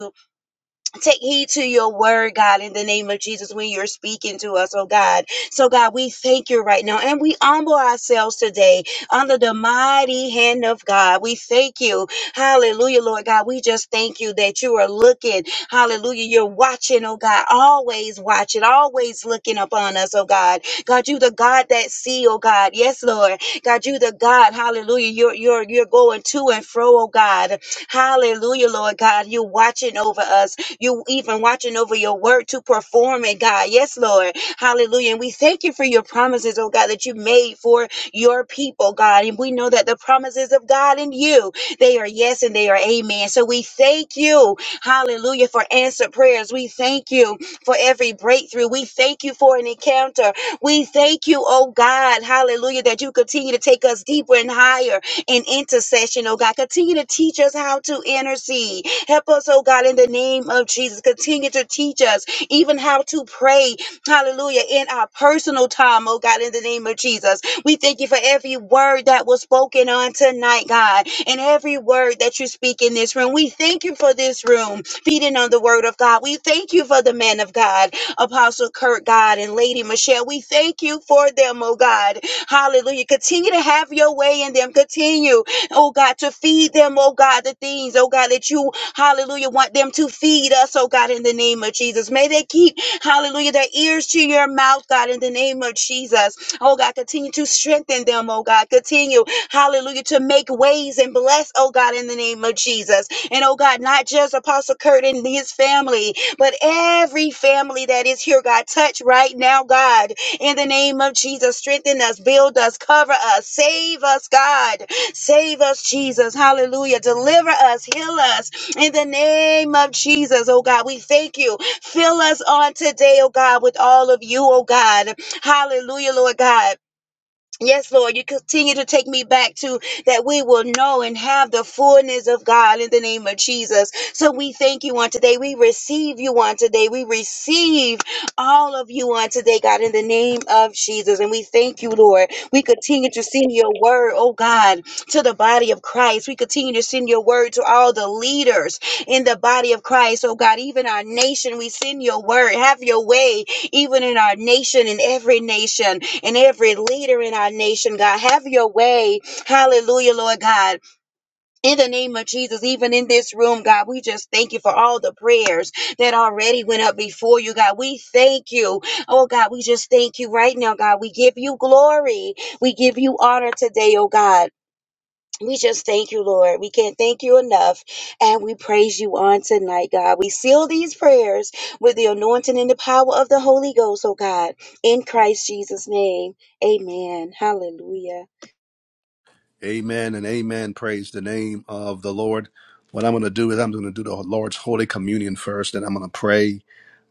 Speaker 8: Take heed to your word, God, in the name of Jesus, when you're speaking to us, oh God. So, God, we thank you right now and we humble ourselves today under the mighty hand of God. We thank you. Hallelujah, Lord God. We just thank you that you are looking. Hallelujah. You're watching, oh God, always watching, always looking upon us, oh God. God, you the God that see, oh God. Yes, Lord. God, you the God. Hallelujah. You're, you're, you're going to and fro, oh God. Hallelujah, Lord God. You're watching over us. You even watching over your word to perform it, God. Yes, Lord. Hallelujah. And we thank you for your promises, oh God, that you made for your people, God. And we know that the promises of God in you, they are yes and they are amen. So we thank you, hallelujah, for answered prayers. We thank you for every breakthrough. We thank you for an encounter. We thank you, oh God, hallelujah, that you continue to take us deeper and higher in intercession, oh God. Continue to teach us how to intercede. Help us, oh God, in the name of Jesus. Continue to teach us even how to pray, hallelujah, in our personal time, oh God, in the name of Jesus. We thank you for every word that was spoken on tonight, God, and every word that you speak in this room. We thank you for this room, feeding on the word of God. We thank you for the man of God, Apostle Kurt, God, and Lady Michelle. We thank you for them, oh God. Hallelujah. Continue to have your way in them. Continue oh God, to feed them, oh God, the things, oh God, that you, hallelujah, want them to feed us, oh God, in the name of Jesus. May they keep, hallelujah, their ears to your mouth, God, in the name of Jesus. Oh God, continue to strengthen them, oh God. Continue, hallelujah, to make ways and bless, oh God, in the name of Jesus. And oh God, not just Apostle Kurt and his family, but every family that is here, God, touch right now, God, in the name of Jesus. Strengthen us, build us, cover us, save us, God. Save us, Jesus. Hallelujah. Deliver us, heal us in the name of Jesus, oh God. We thank you. Fill us on today, oh God, with all of you, oh God. Hallelujah, Lord God. Yes, Lord, you continue to take me back to that we will know and have the fullness of God in the name of Jesus. So we thank you on today. We receive you on today. We receive all of you on today, God, in the name of Jesus. And we thank you, Lord. We continue to send your word, oh God, to the body of Christ. We continue to send your word to all the leaders in the body of Christ, oh God, even our nation. We send your word. Have your way, even in our nation, in every nation and every leader in our nation, God. Have your way. Hallelujah, Lord God. In the name of Jesus, even in this room, God, we just thank you for all the prayers that already went up before you, God. We thank you. Oh, God, we just thank you right now, God. We give you glory. We give you honor today, oh, God. We just thank you, Lord. We can't thank you enough. And we praise you on tonight, God. We seal these prayers with the anointing and the power of the Holy Ghost, oh God, in Christ Jesus' name. Amen. Hallelujah.
Speaker 1: Amen and amen. Praise the name of the Lord. What I'm going to do is I'm going to do the Lord's Holy Communion first, and I'm going to pray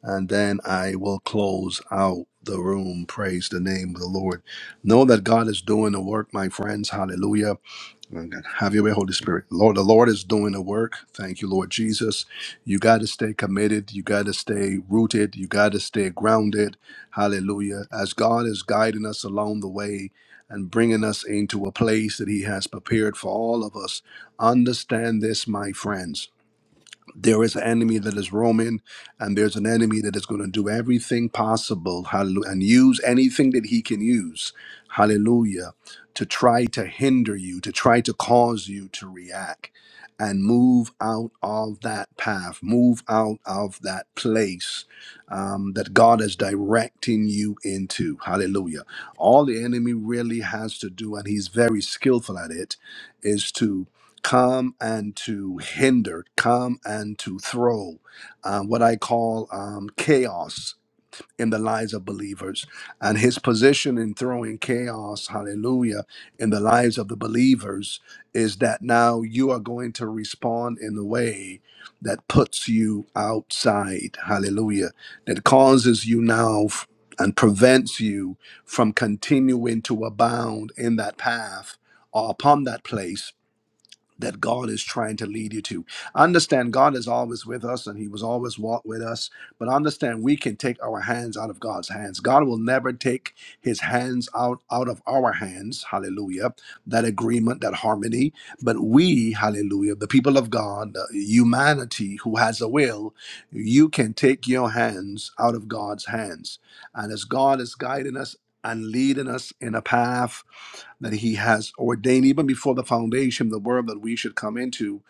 Speaker 1: and then I will close out the room. Praise the name of the Lord. Know that God is doing the work, my friends. Hallelujah. Oh, God. Have your way, Holy Spirit. Lord, the Lord is doing the work. Thank you, Lord Jesus. You got to stay committed. You got to stay rooted. You got to stay grounded. Hallelujah. As God is guiding us along the way and bringing us into a place that He has prepared for all of us, understand this, my friends there is an enemy that is roaming, and there's an enemy that is going to do everything possible, hallelujah, and use anything that he can use, hallelujah, to try to hinder you, to try to cause you to react and move out of that path, move out of that place um, that God is directing you into, hallelujah. All the enemy really has to do, and he's very skillful at it, is to come and to hinder, come and to throw uh, what I call um, chaos in the lives of believers. And his position in throwing chaos, hallelujah, in the lives of the believers is that now you are going to respond in the way that puts you outside, hallelujah, that causes you now. f- and prevents you from continuing to abound in that path or upon that place that God is trying to lead you to. Understand God is always with us and he was always walked with us, but understand we can take our hands out of God's hands. God will never take his hands out out of our hands. Hallelujah. That agreement, that harmony, but we, hallelujah, the people of God, the humanity who has a will, you can take your hands out of God's hands. And as God is guiding us and leading us in a path that he has ordained even before the foundation the world that we should come into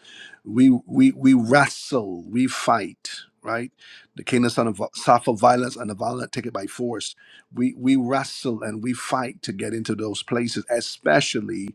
Speaker 1: we we we wrestle we fight right the kingdom son of suffer violence and the violent take it by force we we wrestle and we fight to get into those places especially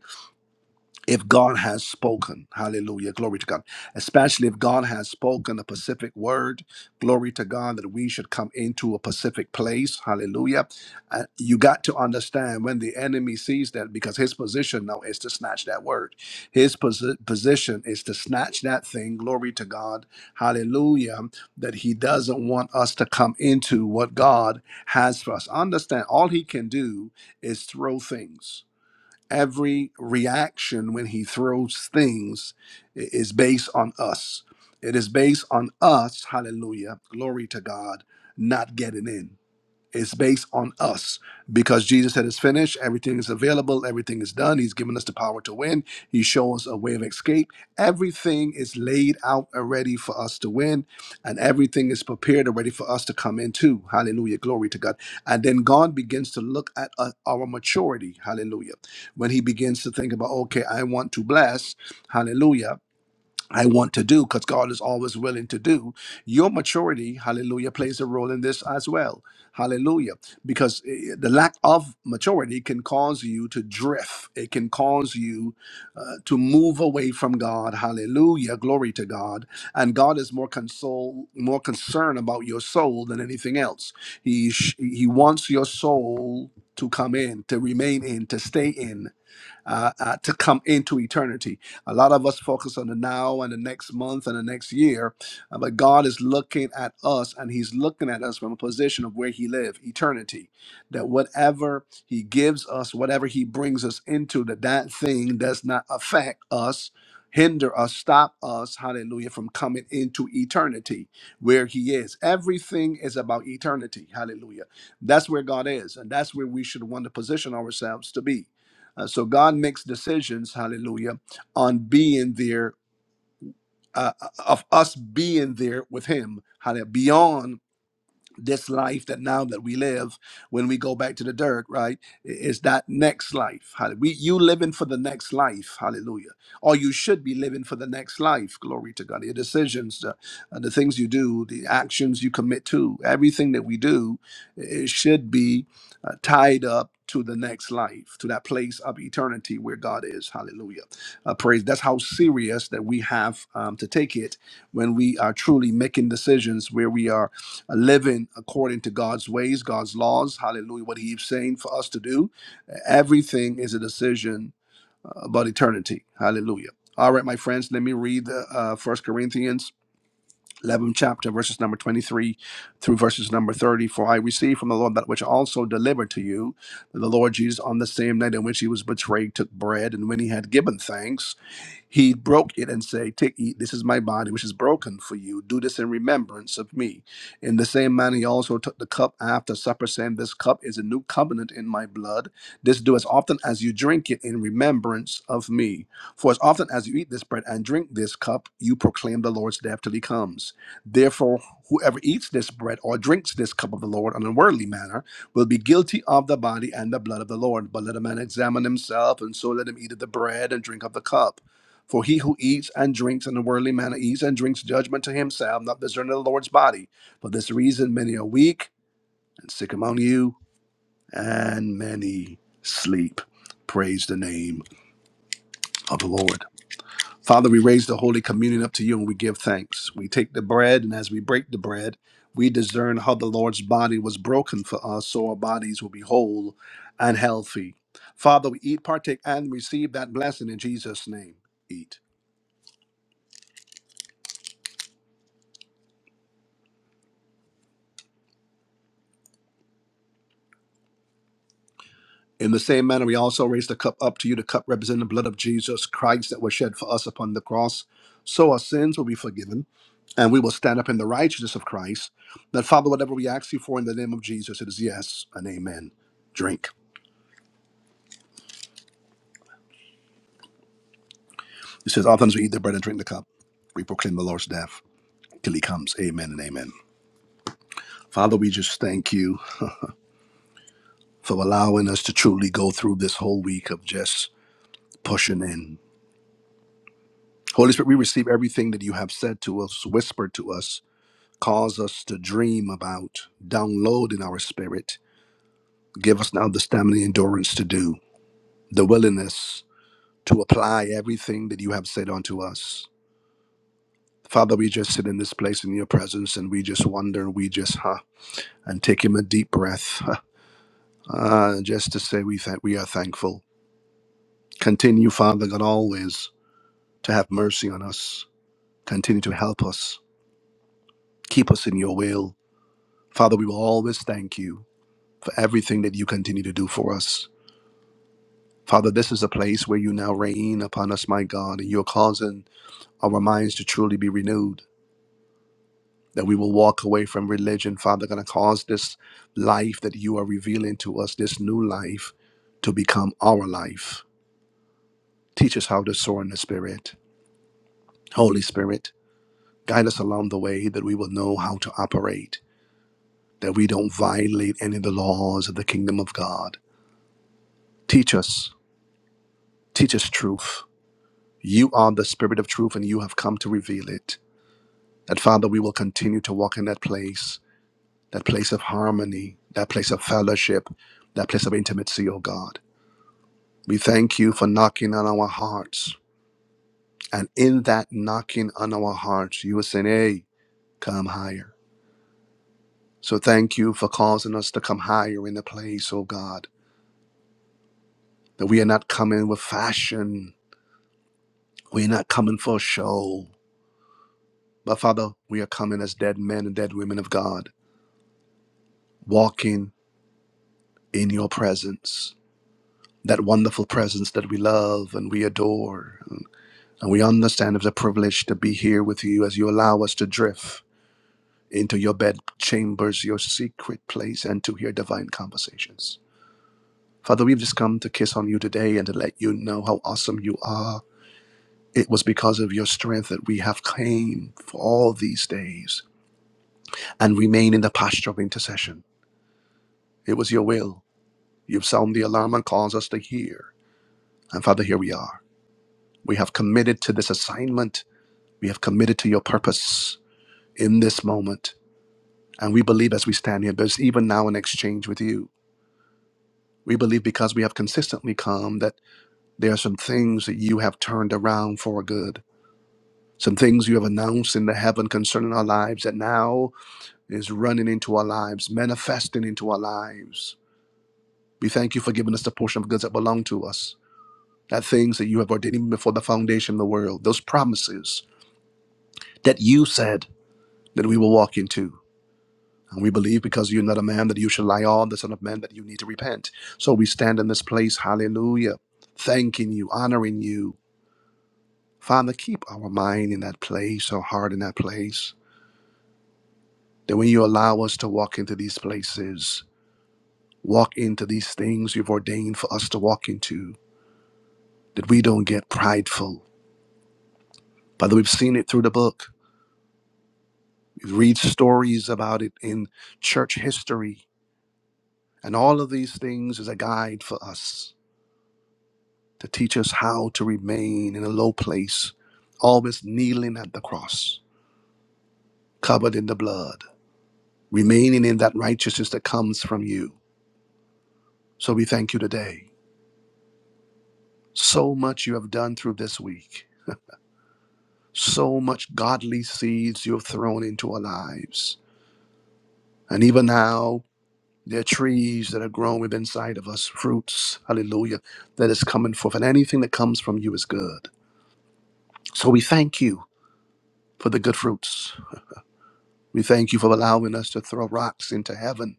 Speaker 1: if God has spoken, hallelujah, glory to God, especially if God has spoken a specific word, glory to God, that we should come into a specific place, hallelujah. Uh, you got to understand when the enemy sees that because his position now is to snatch that word. His posi- position is to snatch that thing, glory to God, hallelujah, that he doesn't want us to come into what God has for us. Understand, all he can do is throw things every reaction when he throws things is based on us. It is based on us, hallelujah, glory to God, not getting in. It's based on us because Jesus said it's finished. Everything is available. Everything is done. He's given us the power to win. He shows us a way of escape. Everything is laid out already for us to win, and everything is prepared already for us to come into. Hallelujah. Glory to God. And then God begins to look at uh, our maturity. Hallelujah. When He begins to think about, okay, I want to bless. Hallelujah I want to do because God is always willing to do. Your maturity, hallelujah, plays a role in this as well. Hallelujah. Because eh, eh, the lack of maturity can cause you to drift, it can cause you uh, to move away from God. Hallelujah. Glory to God. And God is more console, more concerned about your soul than anything else. He, sh- he wants your soul to come in, to remain in, to stay in uh, uh, to come into eternity. A lot of us focus on the now and the next month and the next year, uh, but God is looking at us and He's looking at us from a position of where He lives, eternity. That whatever He gives us, whatever He brings us into, that that thing does not affect us. Hinder us, stop us, hallelujah, from coming into eternity where He is. Everything is about eternity, hallelujah. That's where God is, and that's where we should want to position ourselves to be uh, so God makes decisions, hallelujah, on being there, uh, of us being there with Him, hallelujah, beyond this life that now that we live when we go back to the dirt right is that next life Hall- we you living for the next life hallelujah or you should be living for the next life glory to god your decisions the, uh, the things you do the actions you commit to everything that we do it should be uh, tied up to the next life to that place of eternity where god is hallelujah uh, praise that's how serious that we have um, to take it when we are truly making decisions where we are living according to God's ways, God's laws. Hallelujah. What He's saying for us to do. Everything is a decision uh, about eternity. Hallelujah. All right, my friends, let me read the uh, 1 Corinthians 11 chapter, verses number 23 through verses number 30. For I received from the Lord that which I also delivered to you. that The Lord Jesus, on the same night in which he was betrayed, took bread, and when he had given thanks, he broke it and said, Take, eat, this is my body, which is broken for you. Do this in remembrance of me. In the same manner, he also took the cup after supper, saying, This cup is a new covenant in my blood. This do as often as you drink it in remembrance of me. For as often as you eat this bread and drink this cup, you proclaim the Lord's death till he comes. Therefore, whoever eats this bread or drinks this cup of the Lord in an unworldly manner will be guilty of the body and the blood of the Lord. But let a man examine himself, and so let him eat of the bread and drink of the cup. For he who eats and drinks in a worldly manner eats and drinks judgment to himself, not discerning the Lord's body. For this reason, many are weak and sick among you, and many sleep. Praise the name of the Lord. Father, we raise the Holy Communion up to you and we give thanks. We take the bread, and as we break the bread, we discern how the Lord's body was broken for us, so our bodies will be whole and healthy. Father, we eat, partake, and receive that blessing in Jesus' name. Eat. In the same manner, we also raise the cup up to you, the cup representing the blood of Jesus Christ that was shed for us upon the cross. So our sins will be forgiven, and we will stand up in the righteousness of Christ. That, Father, whatever we ask you for in the name of Jesus, it is yes and amen. Drink. It says, Oftentimes we eat the bread and drink the cup. We proclaim the Lord's death till he comes. Amen and amen. Father, we just thank you for allowing us to truly go through this whole week of just pushing in. Holy Spirit, we receive everything that you have said to us, whispered to us cause us to dream about, download in our spirit. Give us now the stamina, endurance to do, the willingness to apply everything that you have said unto us. Father, we just sit in this place in your presence and we just wonder, we just, huh, and take him a deep breath, huh, uh, just to say we, thank, we are thankful. Continue, Father God, always to have mercy on us. Continue to help us. Keep us in your will. Father, we will always thank you for everything that you continue to do for us. Father, this is a place where you now reign upon us, my God, and you're causing our minds to truly be renewed, that we will walk away from religion. Father, going to cause this life that you are revealing to us, this new life, to become our life. Teach us how to soar in the Spirit. Holy Spirit, guide us along the way that we will know how to operate, that we don't violate any of the laws of the kingdom of God. Teach us, teach us truth. You are the Spirit of truth, and you have come to reveal it. That Father, we will continue to walk in that place, that place of harmony, that place of fellowship, that place of intimacy, O God. We thank you for knocking on our hearts. And in that knocking on our hearts, you are saying, hey, come higher. So thank you for causing us to come higher in the place, O God, that we are not coming with fashion. We're not coming for show. But Father, we are coming as dead men and dead women of God, walking in your presence that wonderful presence that we love and we adore. And we understand it's a privilege to be here with you as you allow us to drift into your bed chambers, your secret place, and to hear divine conversations. Father, we've just come to kiss on you today and to let you know how awesome you are. It was because of your strength that we have came for all these days and remain in the posture of intercession. It was your will. You've sounded the alarm and caused us to hear. And Father, here we are. We have committed to this assignment We have committed to your purpose in this moment. And we believe as we stand here, there's even now an exchange with you. We believe because we have consistently come that there are some things that you have turned around for good. Some things you have announced in the heaven concerning our lives that now is running into our lives, manifesting into our lives. We thank you for giving us the portion of goods that belong to us. That things that you have ordained even before the foundation of the world, those promises that you said that we will walk into. And we believe because you're not a man that you should lie on, the Son of Man that you need to repent. So we stand in this place, hallelujah, thanking you, honoring you. Father, keep our mind in that place, our heart in that place. That when you allow us to walk into these places, walk into these things you've ordained for us to walk into, that we don't get prideful. Father, we've seen it through the book. We read stories about it in church history. And all of these things is a guide for us to teach us how to remain in a low place, always kneeling at the cross, covered in the blood, remaining in that righteousness that comes from you. So we thank you today. So much you have done through this week, so much godly seeds you have thrown into our lives. And even now, there are trees that are grown within sight of us, fruits, hallelujah, that is coming forth. And anything that comes from you is good. So we thank you for the good fruits. We thank you for allowing us to throw rocks into heaven,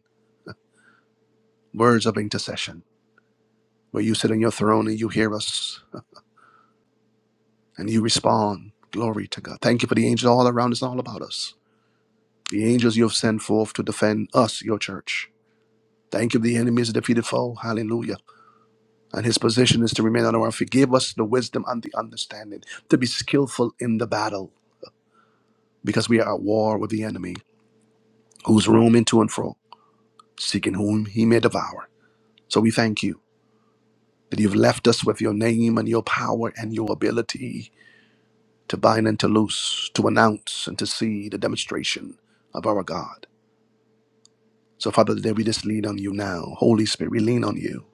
Speaker 1: words of intercession, where you sit on your throne and you hear us and you respond. Glory to God. Thank you for the angels all around us and all about us. The angels you have sent forth to defend us, your church. Thank you, the enemy is a defeated foe. Hallelujah. And his position is to remain on our feet. Give us the wisdom and the understanding to be skillful in the battle, because we are at war with the enemy, who's roaming to and fro, seeking whom he may devour. So we thank you. that you've left us with your name and your power and your ability to bind and to loose, to announce and to see the demonstration of our God. So, Father, today we just lean on you now. Holy Spirit, we lean on you.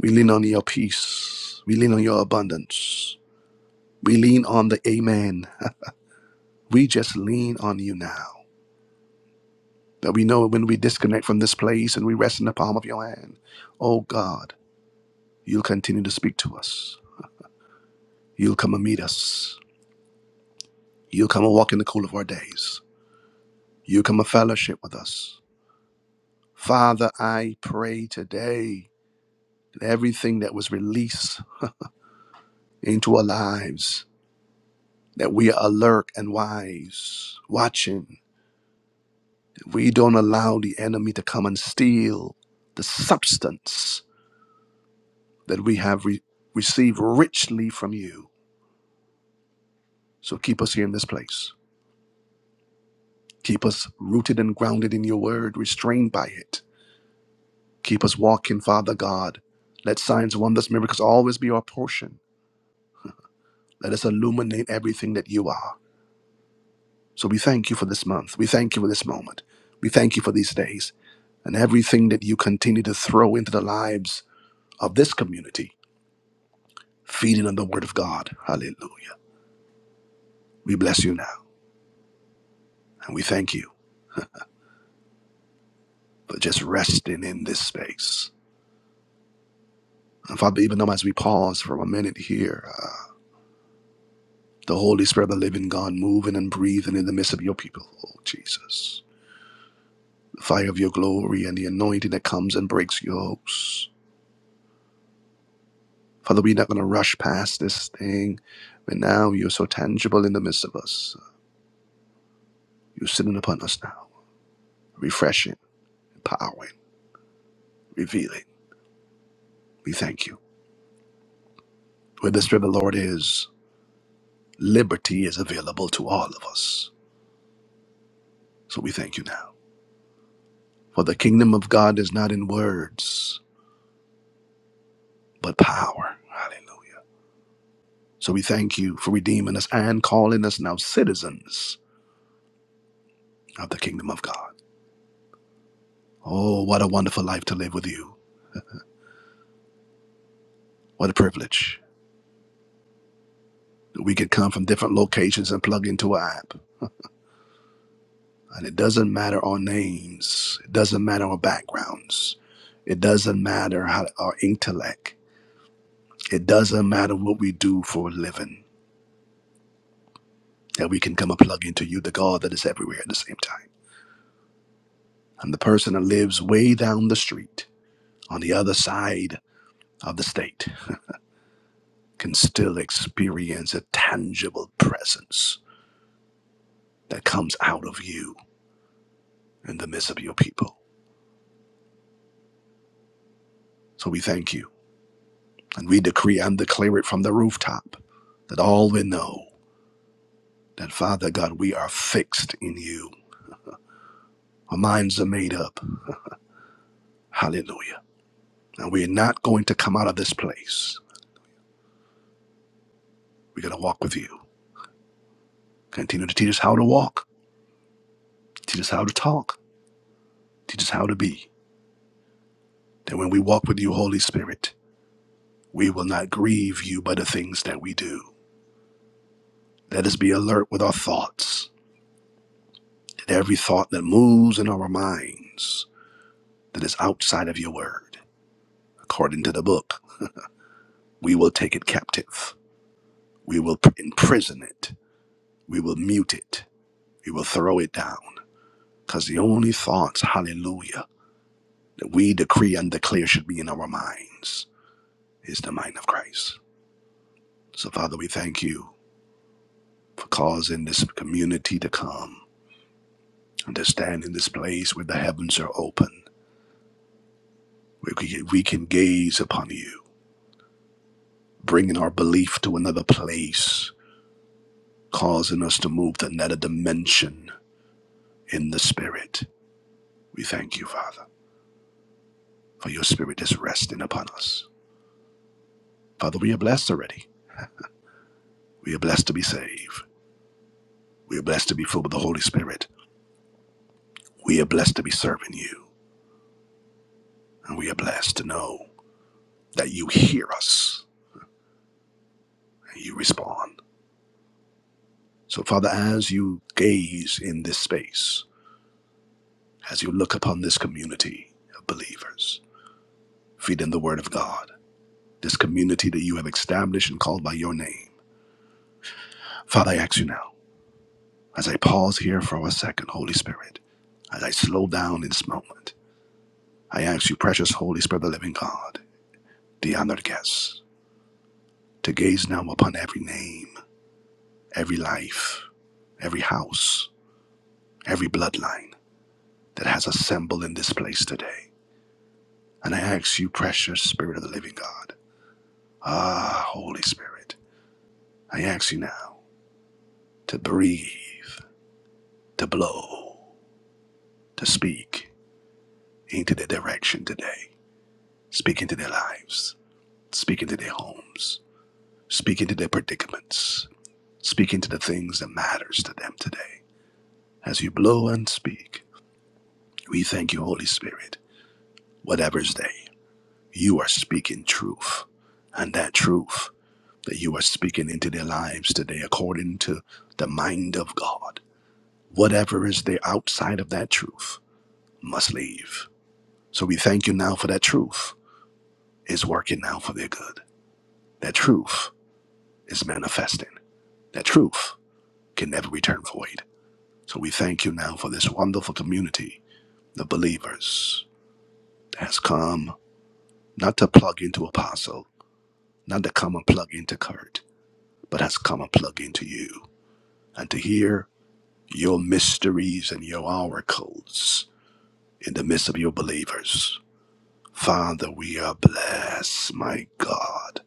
Speaker 1: We lean on your peace. We lean on your abundance. We lean on the Amen. We just lean on you now. That we know when we disconnect from this place and we rest in the palm of your hand, oh God, you'll continue to speak to us. You'll come and meet us. You'll come and walk in the cool of our days. You come a fellowship with us. Father, I pray today that everything that was released into our lives, that we are alert and wise, watching, that we don't allow the enemy to come and steal the substance that we have re- received richly from you. So keep us here in this place. Keep us rooted and grounded in your word, restrained by it. Keep us walking, Father God. Let signs, wonders, miracles always be our portion Let us illuminate everything that you are. So we thank you for this month. We thank you for this moment. We thank you for these days and everything that you continue to throw into the lives of this community, feeding on the word of God. Hallelujah. We bless you now and we thank you for just resting in this space. And Father, even though as we pause for a minute here, uh, the Holy Spirit of the living God moving and breathing in the midst of your people, oh Jesus. The fire of your glory and the anointing that comes and breaks yokes Father, we're not going to rush past this thing. But now you're so tangible in the midst of us. You're sitting upon us now, refreshing, empowering, revealing. We thank you. Where the Spirit of the Lord is, liberty is available to all of us. So we thank you now. For the kingdom of God is not in words, but power. Hallelujah. So we thank you for redeeming us and calling us now citizens of the kingdom of God. Oh, what a wonderful life to live with you. What a privilege. We could come from different locations and plug into an app. And it doesn't matter our names, it doesn't matter our backgrounds, it doesn't matter how our intellect, it doesn't matter what we do for a living, that we can come and plug into you, the God that is everywhere at the same time. And the person that lives way down the street on the other side of the state can still experience a tangible presence that comes out of you in the midst of your people. So we thank you. And we decree and declare it from the rooftop that all will know that, Father God, we are fixed in you. Our minds are made up. Hallelujah. And we're not going to come out of this place. We're going to walk with you. Continue to teach us how to walk, teach us how to talk, teach us how to be. That when we walk with you, Holy Spirit, we will not grieve you by the things that we do. Let us be alert with our thoughts, that every thought that moves in our minds that is outside of your word, according to the book. We will take it captive. We will imprison it. We will mute it. We will throw it down. Because the only thoughts, hallelujah, that we decree and declare should be in our minds is the mind of Christ. So, Father, we thank you for causing this community to come and to stand in this place where the heavens are open, where we we can gaze upon you, bringing our belief to another place, causing us to move to another dimension in the Spirit. We thank you, Father. for your spirit is resting upon us. Father, we are blessed already. We are blessed to be saved. We are blessed to be filled with the Holy Spirit. We are blessed to be serving you. And we are blessed to know that you hear us and you respond. So, Father, as you gaze in this space, as you look upon this community of believers, feed in the Word of God, this community that you have established and called by your name, Father, I ask you now, as I pause here for a second, Holy Spirit, as I slow down in this moment, I ask you, precious Holy Spirit of the living God, the honored guests, to gaze now upon every name, every life, every house, every bloodline that has assembled in this place today. And I ask you, precious Spirit of the living God, ah, Holy Spirit, I ask you now to breathe, to blow, to speak into their direction today, speak into their lives, speak into their homes, speak into their predicaments, speak into the things that matters to them today As you blow and speak, we thank you, Holy Spirit. Whatever's there, you are speaking truth. And that truth that you are speaking into their lives today, according to the mind of God, whatever is there outside of that truth must leave. So we thank you now for that truth is working now for their good. That truth is manifesting. That truth can never return void. So we thank you now for this wonderful community of believers that has come not to plug into apostle, not to come and plug into Kurt, but has come and plug into you, and to hear your mysteries and your oracles in the midst of your believers. Father, we are blessed, my God.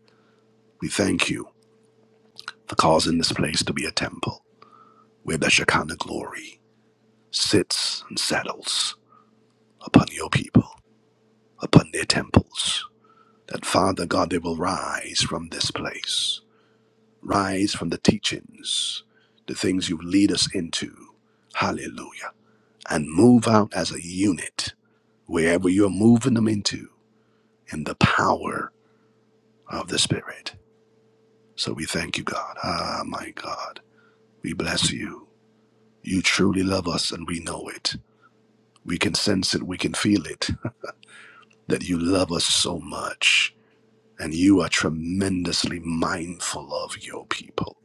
Speaker 1: We thank you for causing this place to be a temple where the Shekinah glory sits and settles upon your people, upon their temples. That Father God, they will rise from this place Rise from the teachings, the things you lead us into. Hallelujah. And move out as a unit wherever you're moving them into in the power of the Spirit. So we thank you, God. Ah, my God. We bless you. You truly love us, and we know it. We can sense it, we can feel it, that you love us so much. And you are tremendously mindful of your people.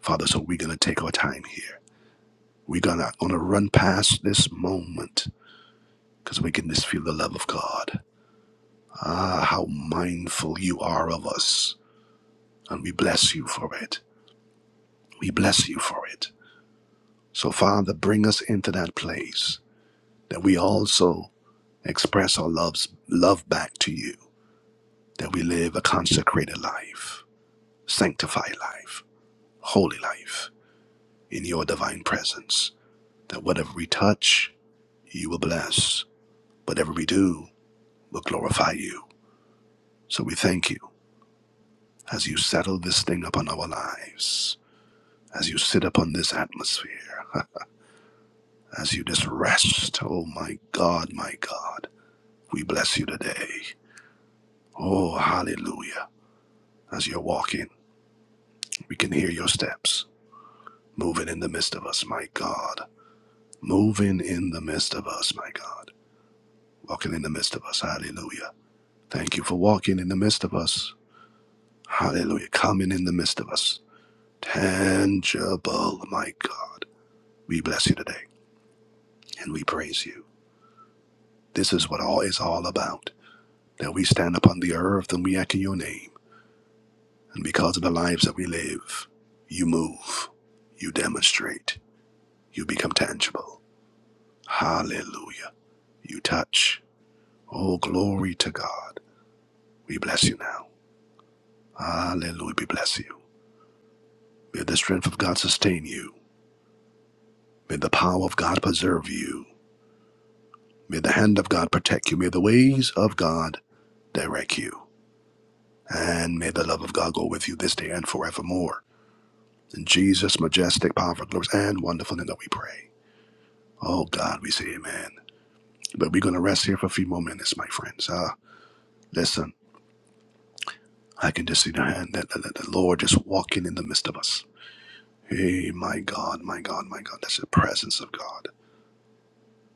Speaker 1: Father, so we're going to take our time here We're gonna gonna run past this moment because we can just feel the love of God. Ah, how mindful you are of us, and we bless you for it. We bless you for it. So, Father, bring us into that place that we also express our love's love back to you. That we live a consecrated life, sanctified life, holy life in your divine presence. That whatever we touch, you will bless. Whatever we do, will glorify you. So we thank you as you settle this thing upon our lives, as you sit upon this atmosphere, as you just rest. Oh my God, my God, we bless you today. Oh, hallelujah. As you're walking, we can hear your steps moving in the midst of us, my God. Moving in the midst of us, my God. Walking in the midst of us, hallelujah. Thank you for walking in the midst of us, hallelujah. Coming in the midst of us, tangible, my God. We bless you today. and we praise you. This is what all is all about that we stand upon the earth and we echo your name. And because of the lives that we live, you move, you demonstrate, you become tangible. Hallelujah. You touch. Oh, glory to God. We bless you now. Hallelujah. We bless you. May the strength of God sustain you. May the power of God preserve you. May the hand of God protect you. May the ways of God direct you. And may the love of God go with you this day and forevermore. In Jesus' majestic, powerful, glorious, and wonderful name that we pray. Oh God, we say amen. But we're going to rest here for a few more minutes, my friends. Uh, listen, I can just see the hand that, that, that the Lord just walking in the midst of us. Hey, my God, my God, my God. That's the presence of God,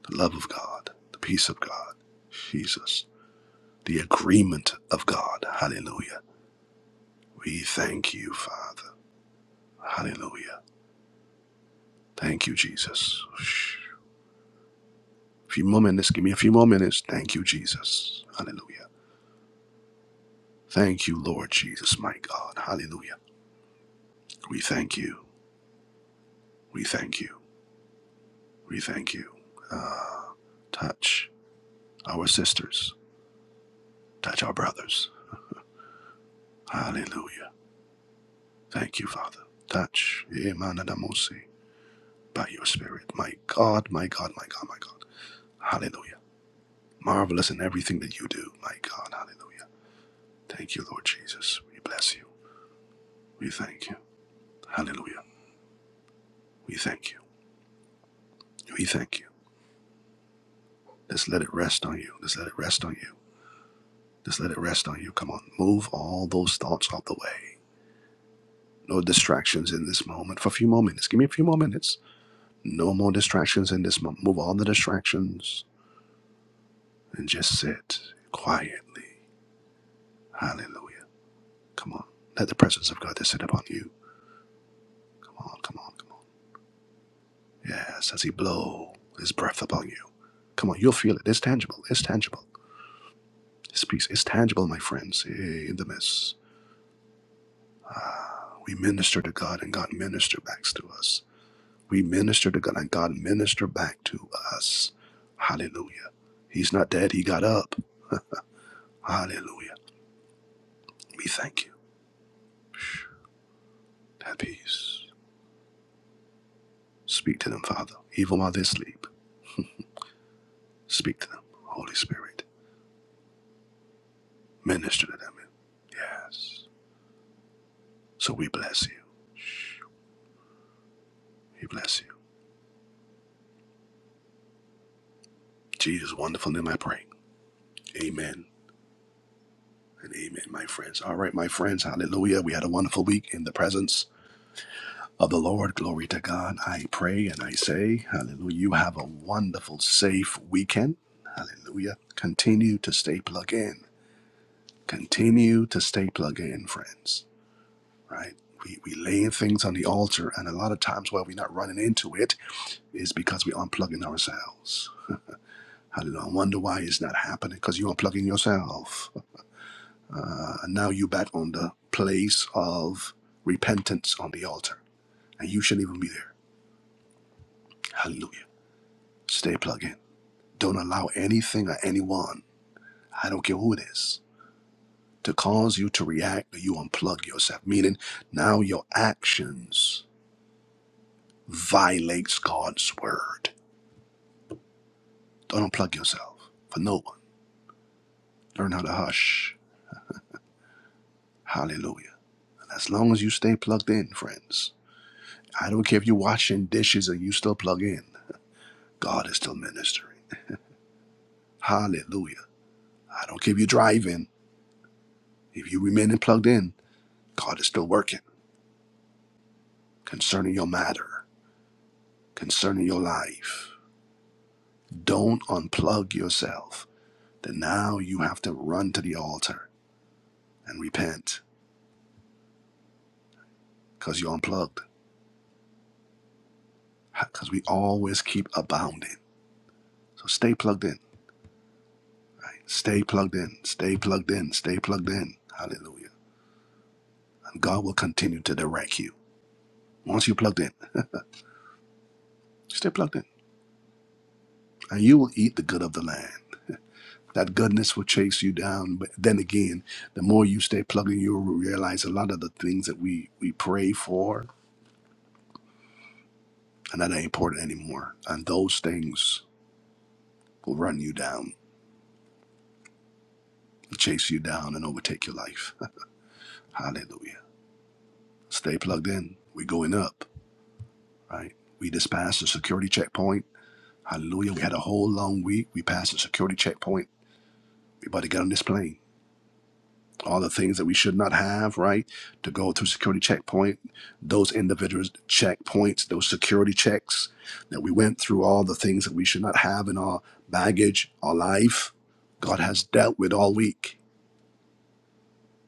Speaker 1: the love of God, the peace of God, Jesus, the agreement of God. Hallelujah. We thank you, Father. Hallelujah. Thank you, Jesus. A few more minutes. Give me a few more minutes. Thank you, Jesus. Hallelujah. Thank you, Lord Jesus, my God. Hallelujah. We thank you. We thank you. We thank you. Touch our sisters. Touch our brothers. Hallelujah. Thank you, Father. Touch Emanadamosi by your Spirit. My God, my God, my God, my God. Hallelujah. Marvelous in everything that you do, my God. Hallelujah. Thank you, Lord Jesus. We bless you. We thank you. Hallelujah. We thank you. We thank you. Just let it rest on you. Just let it rest on you. Just let it rest on you. Come on. Move all those thoughts out the way. No distractions in this moment. For a few more minutes. Give me a few more minutes. No more distractions in this moment. Move all the distractions and just sit quietly. Hallelujah. Come on. Let the presence of God just sit upon you. Come on, come on, come on. Yes, as He blow His breath upon you. Come on, you'll feel it. It's tangible. It's tangible. His peace is tangible, my friends, Hey, in the midst. We minister to God and God minister back to us. We minister to God and God minister back to us. Hallelujah. He's not dead, he got up. Hallelujah. We thank you. Have peace. Speak to them, Father. Even while they sleep, speak to them. Holy Spirit, minister to them. Yes. So we bless you. We bless you. Jesus, wonderful name I pray. Amen and amen, my friends. All right, my friends. Hallelujah. We had a wonderful week in the presence of the Lord. Glory to God. I pray and I say, Hallelujah. You have a wonderful, safe weekend. Hallelujah. Continue to stay plugged in. Continue to stay plugged in, friends. Right? We, we laying things on the altar, and a lot of times why we're not running into it is because we're unplugging ourselves. Hallelujah. I wonder why it's not happening because you're unplugging yourself. Uh, and now you back on the place of repentance on the altar, and you shouldn't even be there. Hallelujah. Stay plugged in. Don't allow anything or anyone, I don't care who it is, to cause you to react or you unplug yourself. Meaning now your actions violates God's word. Don't unplug yourself for no one. Learn how to hush. Hallelujah. And as long as you stay plugged in, friends, I don't care if you're washing dishes and you still plug in. God is still ministering. Hallelujah. I don't care if you're driving. If you remain plugged in, God is still working concerning your matter, concerning your life. Don't unplug yourself. Then now you have to run to the altar and repent because you're unplugged. Because we always keep abounding. So stay plugged in. Right? Stay plugged in. Stay plugged in. Stay plugged in. Hallelujah. And God will continue to direct you. Once you're plugged in, stay plugged in. And you will eat the good of the land. That goodness will chase you down. But then again, the more you stay plugged in, you'll realize a lot of the things that we, we pray for and that ain't important anymore. And those things will run you down, chase you down, and overtake your life. Hallelujah. Stay plugged in. We're going up, right? We just passed the security checkpoint. Hallelujah. We had a whole long week. We passed the security checkpoint. We about to get on this plane. All the things that we should not have, right? To go through security checkpoint, those individual checkpoints, those security checks that we went through, all the things that we should not have in our baggage, our life. God has dealt with all week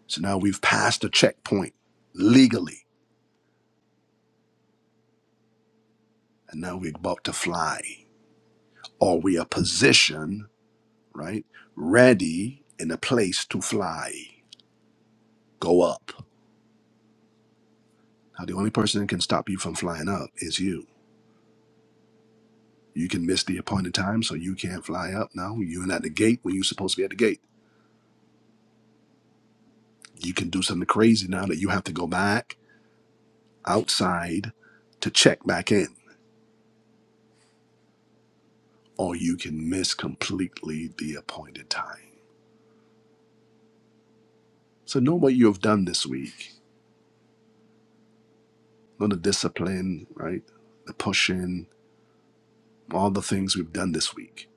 Speaker 1: So now we've passed a checkpoint legally, and now we're about to fly, or we are positioned, right, ready in a place to fly, go up. Now, the only person that can stop you from flying up is you. You can miss the appointed time, so you can't fly up now. You're not at the gate when you're supposed to be at the gate. You can do something crazy now that you have to go back outside to check back in, or you can miss completely the appointed time. So know what you have done this week all the discipline, right? The pushing, all the things we've done this week,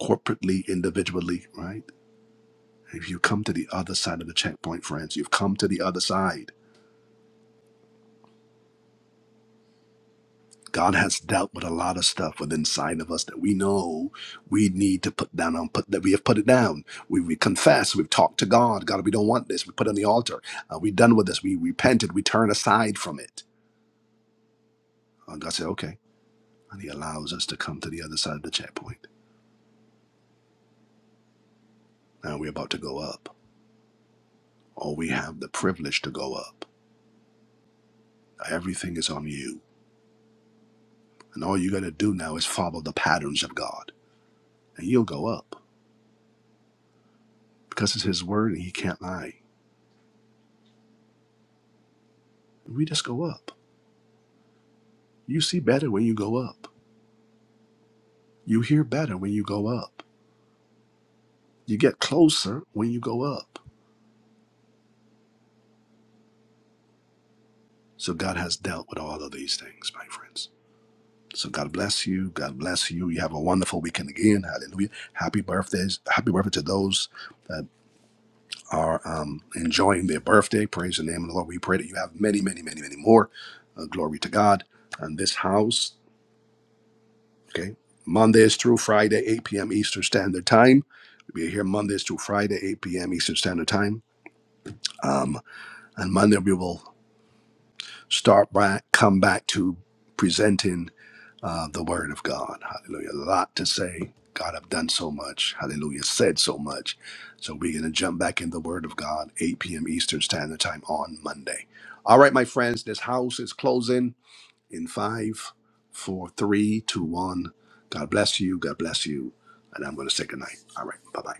Speaker 1: corporately, individually, right? If you come to the other side of the checkpoint, friends, you've come to the other side. God has dealt with a lot of stuff within inside of us that we know we need to put down on put that we have put it down. We, we confess, we've talked to God. God, we don't want this. We put it on the altar. Uh, we done with this. We repented. We turn aside from it. And God said, okay. And he allows us to come to the other side of the checkpoint. Now we're about to go up. or we have the privilege to go up. Everything is on you. And all you got to do now is follow the patterns of God, and you'll go up because it's His word and He can't lie. We just go up. You see better when you go up. You hear better when you go up. You get closer when you go up. So God has dealt with all of these things, my friends. So God bless you. God bless you. You have a wonderful weekend again. Hallelujah. Happy birthdays. Happy birthday to those that are um, enjoying their birthday. Praise the name of the Lord. We pray that you have many, many, many, many more. Uh, glory to God. And this house, okay, Mondays through Friday, 8 p.m. Eastern Standard Time. We'll be here Mondays through Friday, 8 p.m. Eastern Standard Time. Um, and Monday we will start back, come back to presenting. uh, the word of God. Hallelujah. A lot to say. God have done so much. Hallelujah. Said so much. So we're going to jump back in the word of God, 8 p.m. Eastern Standard Time on Monday. All right, my friends, this house is closing in five, four, three, two, one. God bless you. God bless you. And I'm going to say goodnight. All right. Bye bye.